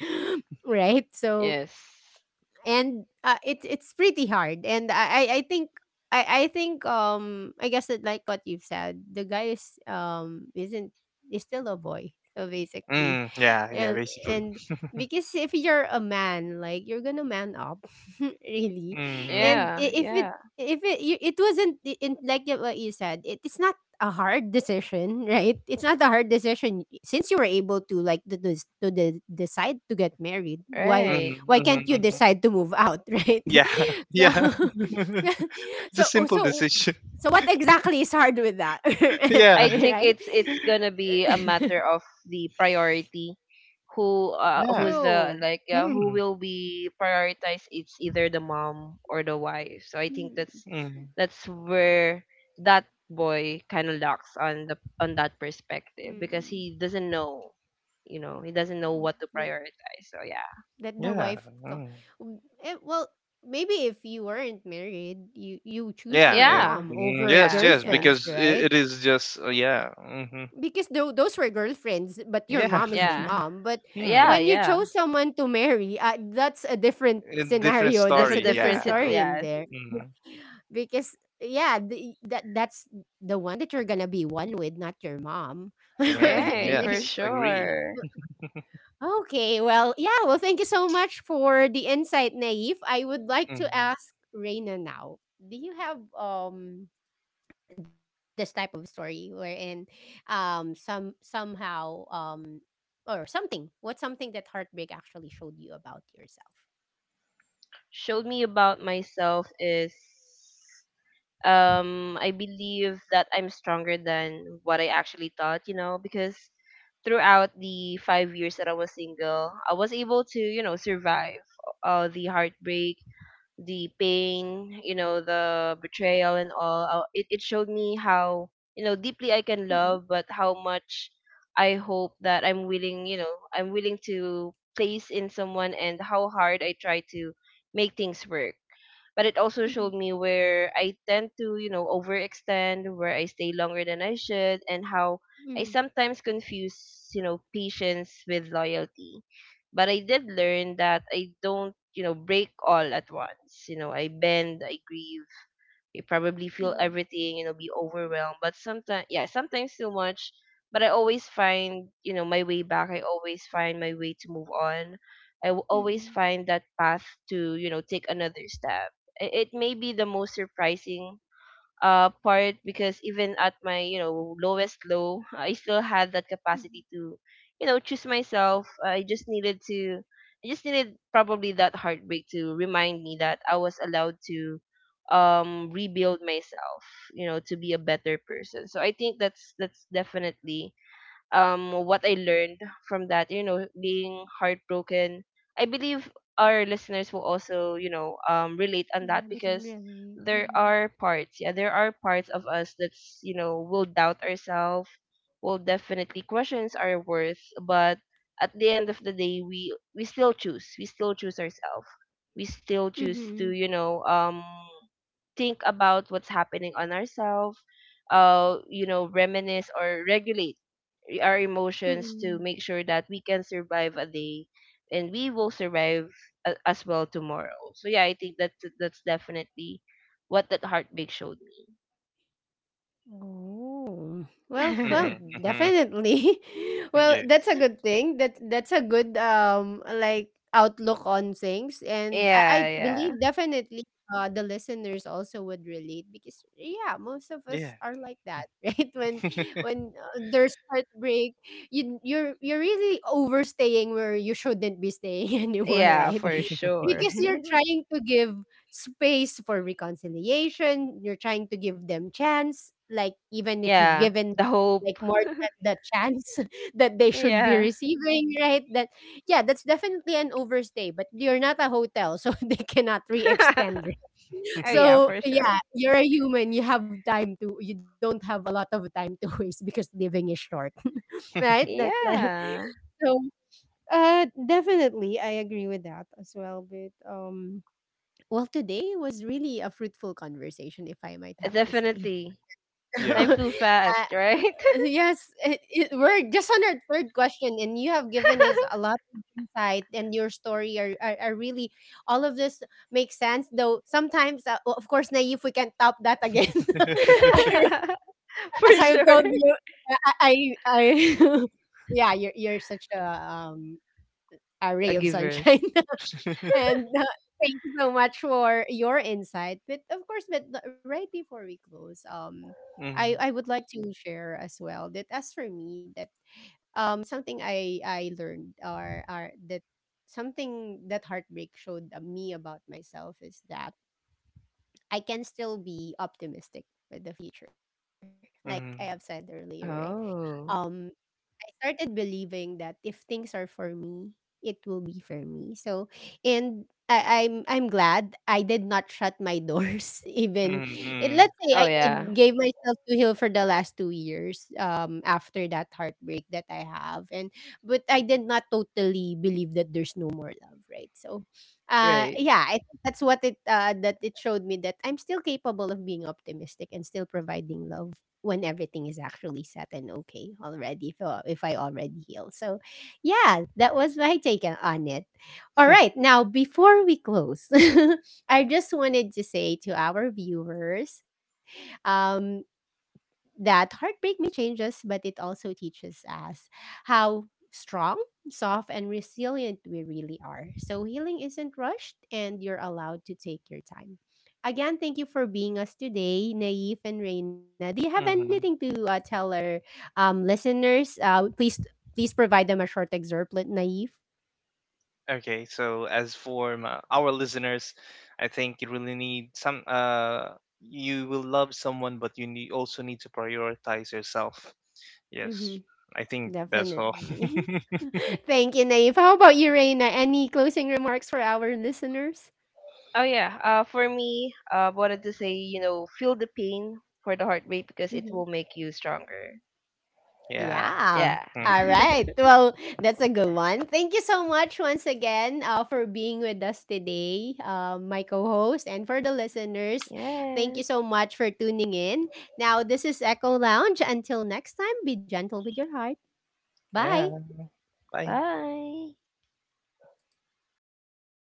[SPEAKER 1] right. So
[SPEAKER 3] Yes.
[SPEAKER 1] And it's pretty hard and I i think I think, I guess that like what you've said, the guy is, isn't, is still a boy, so basically.
[SPEAKER 2] Mm-hmm. Yeah, yeah,
[SPEAKER 1] And
[SPEAKER 2] basically.
[SPEAKER 1] and because if you're a man, like, you're gonna man up really.
[SPEAKER 2] Mm-hmm.
[SPEAKER 1] And
[SPEAKER 3] Yeah,
[SPEAKER 1] if it,
[SPEAKER 3] yeah.
[SPEAKER 1] if it wasn't, like, what you said, it, it's not a hard decision right, it's not a hard decision. Since you were able to, like, to decide to get married,
[SPEAKER 3] Right.
[SPEAKER 2] Mhm,
[SPEAKER 1] why can't
[SPEAKER 2] mhm,
[SPEAKER 1] you
[SPEAKER 2] mhm.
[SPEAKER 1] decide to move out? Right?
[SPEAKER 2] Yeah,
[SPEAKER 1] so
[SPEAKER 2] yeah. It's a
[SPEAKER 1] so oh,
[SPEAKER 2] simple
[SPEAKER 1] so
[SPEAKER 2] decision.
[SPEAKER 1] so what exactly is hard with that?
[SPEAKER 2] Yeah,
[SPEAKER 3] I think
[SPEAKER 1] Right?
[SPEAKER 3] it's, gonna be a matter of the priority,
[SPEAKER 2] yeah.
[SPEAKER 3] who's
[SPEAKER 1] True.
[SPEAKER 3] the who
[SPEAKER 2] Mm,
[SPEAKER 3] will be prioritized. It's either the mom or the wife. So I think
[SPEAKER 1] Mm,
[SPEAKER 3] that's,
[SPEAKER 2] mm,
[SPEAKER 3] where that boy kind of locks on the, on that perspective
[SPEAKER 1] mm,
[SPEAKER 3] because
[SPEAKER 1] mm.
[SPEAKER 3] he doesn't know, you know, he doesn't know what to
[SPEAKER 1] that,
[SPEAKER 3] prioritize. So yeah,
[SPEAKER 1] that the
[SPEAKER 2] yeah,
[SPEAKER 1] wife co-
[SPEAKER 2] mm.
[SPEAKER 1] Mm, well, maybe if you weren't married you, you choose
[SPEAKER 2] Yeah,
[SPEAKER 1] your
[SPEAKER 2] yeah.
[SPEAKER 3] yeah,
[SPEAKER 1] mom
[SPEAKER 2] Mm,
[SPEAKER 1] over
[SPEAKER 2] yes,
[SPEAKER 3] yeah,
[SPEAKER 2] yes.
[SPEAKER 3] yeah,
[SPEAKER 1] girlfriends,
[SPEAKER 2] Because
[SPEAKER 1] right?
[SPEAKER 2] it is just, yeah, hmm,
[SPEAKER 1] Because those were girlfriends, but your
[SPEAKER 2] yeah.
[SPEAKER 1] mom is your
[SPEAKER 3] yeah,
[SPEAKER 1] mom. But
[SPEAKER 3] yeah,
[SPEAKER 2] Mm.
[SPEAKER 1] when you
[SPEAKER 3] yeah,
[SPEAKER 1] chose someone to marry, that's a different
[SPEAKER 2] A different
[SPEAKER 1] scenario,
[SPEAKER 3] that's
[SPEAKER 1] that's
[SPEAKER 3] a
[SPEAKER 1] a
[SPEAKER 2] story.
[SPEAKER 1] different
[SPEAKER 3] difference,
[SPEAKER 2] Yeah.
[SPEAKER 3] it,
[SPEAKER 1] story in
[SPEAKER 3] yes,
[SPEAKER 1] there.
[SPEAKER 2] Hmm.
[SPEAKER 1] Because yeah, that that's the one that you're gonna be one with, not your mom.
[SPEAKER 2] Yeah.
[SPEAKER 3] right, for
[SPEAKER 2] Yes. Agree.
[SPEAKER 3] sure.
[SPEAKER 1] Okay, well, yeah, well, thank you so much for the insight, Naif. I would like to
[SPEAKER 2] Hmm.
[SPEAKER 1] ask Reina now, do you have, this type of story wherein, somehow, or something what's something that heartbreak actually showed you about yourself?
[SPEAKER 3] Showed me about myself is, I believe that I'm stronger than what I actually thought, you know, because throughout the 5 years that I was single, I was able to, you know, survive the heartbreak, the pain, you know, the betrayal and all. It it showed me how, you know, deeply I can
[SPEAKER 1] Mm-mm,
[SPEAKER 3] love, but how much I hope that I'm willing, you know, I'm willing to place in someone, and how hard I try to make things work. But it also
[SPEAKER 1] mm-hmm,
[SPEAKER 3] showed me where I tend to, you know, overextend, where I stay longer than I should, and how I
[SPEAKER 1] mm-hmm,
[SPEAKER 3] sometimes confuse, you know, patience with loyalty. But I did learn that I don't, you know, break all at once. You know, I bend, I grieve, you probably feel
[SPEAKER 1] mm-hmm,
[SPEAKER 3] everything, you know, be overwhelmed but sometimes, yeah, sometimes too much, but I always find, you know, my way back. I always find my way to move on. Always
[SPEAKER 1] mm-hmm,
[SPEAKER 3] find that path to, you know, take another step. I- it may be the most surprising part because even at my, you know, lowest low, I still had that
[SPEAKER 1] mm-hmm.
[SPEAKER 3] capacity to, you know, choose myself. I just needed probably that heartbreak to remind me that I was allowed to rebuild myself, you know, to be a better person. So I think that's, definitely what I learned from that, you know, being heartbroken. I believe our listeners will also, you know, relate on that
[SPEAKER 1] Yeah, they can
[SPEAKER 3] because
[SPEAKER 1] relate.
[SPEAKER 3] there
[SPEAKER 1] mm-hmm,
[SPEAKER 3] are parts, yeah, there are parts of us that's, you know, will doubt ourselves, will definitely questions our worth, but at the end of the day we still choose. We still choose ourselves. We still choose to,
[SPEAKER 1] mm-hmm,
[SPEAKER 3] you know, think about what's happening on ourselves, you know, reminisce or regulate our emotions
[SPEAKER 1] mm-hmm.
[SPEAKER 3] to make sure that we can survive a day, and we will survive, as well, tomorrow. So yeah, I think that's, definitely what that heartbreak showed
[SPEAKER 1] Oh. Well,
[SPEAKER 2] Hmm.
[SPEAKER 3] me.
[SPEAKER 2] Hmm.
[SPEAKER 1] definitely. Well, that's a
[SPEAKER 2] Yes.
[SPEAKER 1] good thing. That's a good, like, outlook on things, and I
[SPEAKER 3] Yeah, yeah.
[SPEAKER 1] believe definitely, the listeners also would relate because yeah, most of us
[SPEAKER 2] Yeah.
[SPEAKER 1] are like that, right? When there's heartbreak, you're really overstaying where you shouldn't be staying anymore,
[SPEAKER 3] Yeah,
[SPEAKER 1] right?
[SPEAKER 3] for sure.
[SPEAKER 1] Because you're trying to give space for reconciliation. You're trying to give them chance, like, even if you've
[SPEAKER 3] Yeah,
[SPEAKER 1] given
[SPEAKER 3] the
[SPEAKER 1] like
[SPEAKER 3] hope.
[SPEAKER 1] more than the chance that they should be
[SPEAKER 3] Yeah.
[SPEAKER 1] receiving, right? That yeah, that's definitely an overstay, but you're not a hotel, so they cannot re-extend, right?
[SPEAKER 3] Oh yeah,
[SPEAKER 1] So
[SPEAKER 3] for sure.
[SPEAKER 1] yeah, you're a human. You have time to. You don't have a lot of time to waste because living is short, right? That
[SPEAKER 3] Yeah.
[SPEAKER 1] so definitely, I agree with that as well. But well, today was really a fruitful conversation, if I might have to say.
[SPEAKER 3] Definitely.
[SPEAKER 2] Yeah.
[SPEAKER 3] Time
[SPEAKER 1] uh,
[SPEAKER 3] flew fast, right?
[SPEAKER 1] yes, we're just on our third question, and you have given us a lot of insight, and your story are really, all of this makes sense. Though sometimes, of course, Naive, we can top that again.
[SPEAKER 3] For
[SPEAKER 1] As I've
[SPEAKER 3] sure.
[SPEAKER 1] told you, I yeah, you're such a, a ray
[SPEAKER 3] A
[SPEAKER 1] of
[SPEAKER 3] giver.
[SPEAKER 1] sunshine. And thank you so much for your insight. But of course, but right before we close, um,
[SPEAKER 2] Mm-hmm.
[SPEAKER 1] I, I would like to share as well that, as for me, that something I learned, or that something that heartbreak showed me about myself, is that I can still be optimistic with the future. Like I have
[SPEAKER 2] Mm-hmm.
[SPEAKER 1] said earlier, right? Um
[SPEAKER 3] Oh.
[SPEAKER 1] I started believing that if things are for me, it will be for me. So, and I'm glad I did not shut my doors. Even it, let's say
[SPEAKER 3] Oh
[SPEAKER 1] I
[SPEAKER 3] yeah.
[SPEAKER 1] gave myself to heal for the last 2 years. After that heartbreak that I have, and but I did not totally believe that there's no more love, right? So,
[SPEAKER 3] Right.
[SPEAKER 1] yeah, I that's what it, that it showed me, that I'm still capable of being optimistic and still providing love when everything is actually set and okay already, if I already heal. So yeah, that was my take on it. All right, now before we close, I just wanted to say to our viewers, um, that heartbreak may change us, but it also teaches us how strong, soft, and resilient we really are. So healing isn't rushed, and you're allowed to take your time. Again, thank you for being us today, Naif and Reina. Do you have anything
[SPEAKER 2] Mm-hmm.
[SPEAKER 1] to, tell our, listeners? Please provide them a short excerpt, like Naif.
[SPEAKER 2] Okay, so as for my, our listeners, I think you really need some. You will love someone, but you need, also need to prioritize yourself.
[SPEAKER 1] Mm-hmm,
[SPEAKER 2] Yes, I think that's all.
[SPEAKER 1] definitely. Thank you, Naif. How about you, Reina? Any closing remarks for our listeners?
[SPEAKER 3] Oh yeah. For me, wanted to say, you know, feel the pain for the heartbreak because it will make you stronger.
[SPEAKER 2] Yeah.
[SPEAKER 1] Yeah.
[SPEAKER 3] Yeah.
[SPEAKER 1] All
[SPEAKER 2] Hmm.
[SPEAKER 1] right. Well, that's a good one. Thank you so much once again, for being with us today, my co host, and for the listeners. Thank
[SPEAKER 3] Yes.
[SPEAKER 1] you so much for tuning in. Now, this is Echo Lounge. Until next time, be gentle with your heart. Bye.
[SPEAKER 2] Yeah. Bye.
[SPEAKER 3] Bye.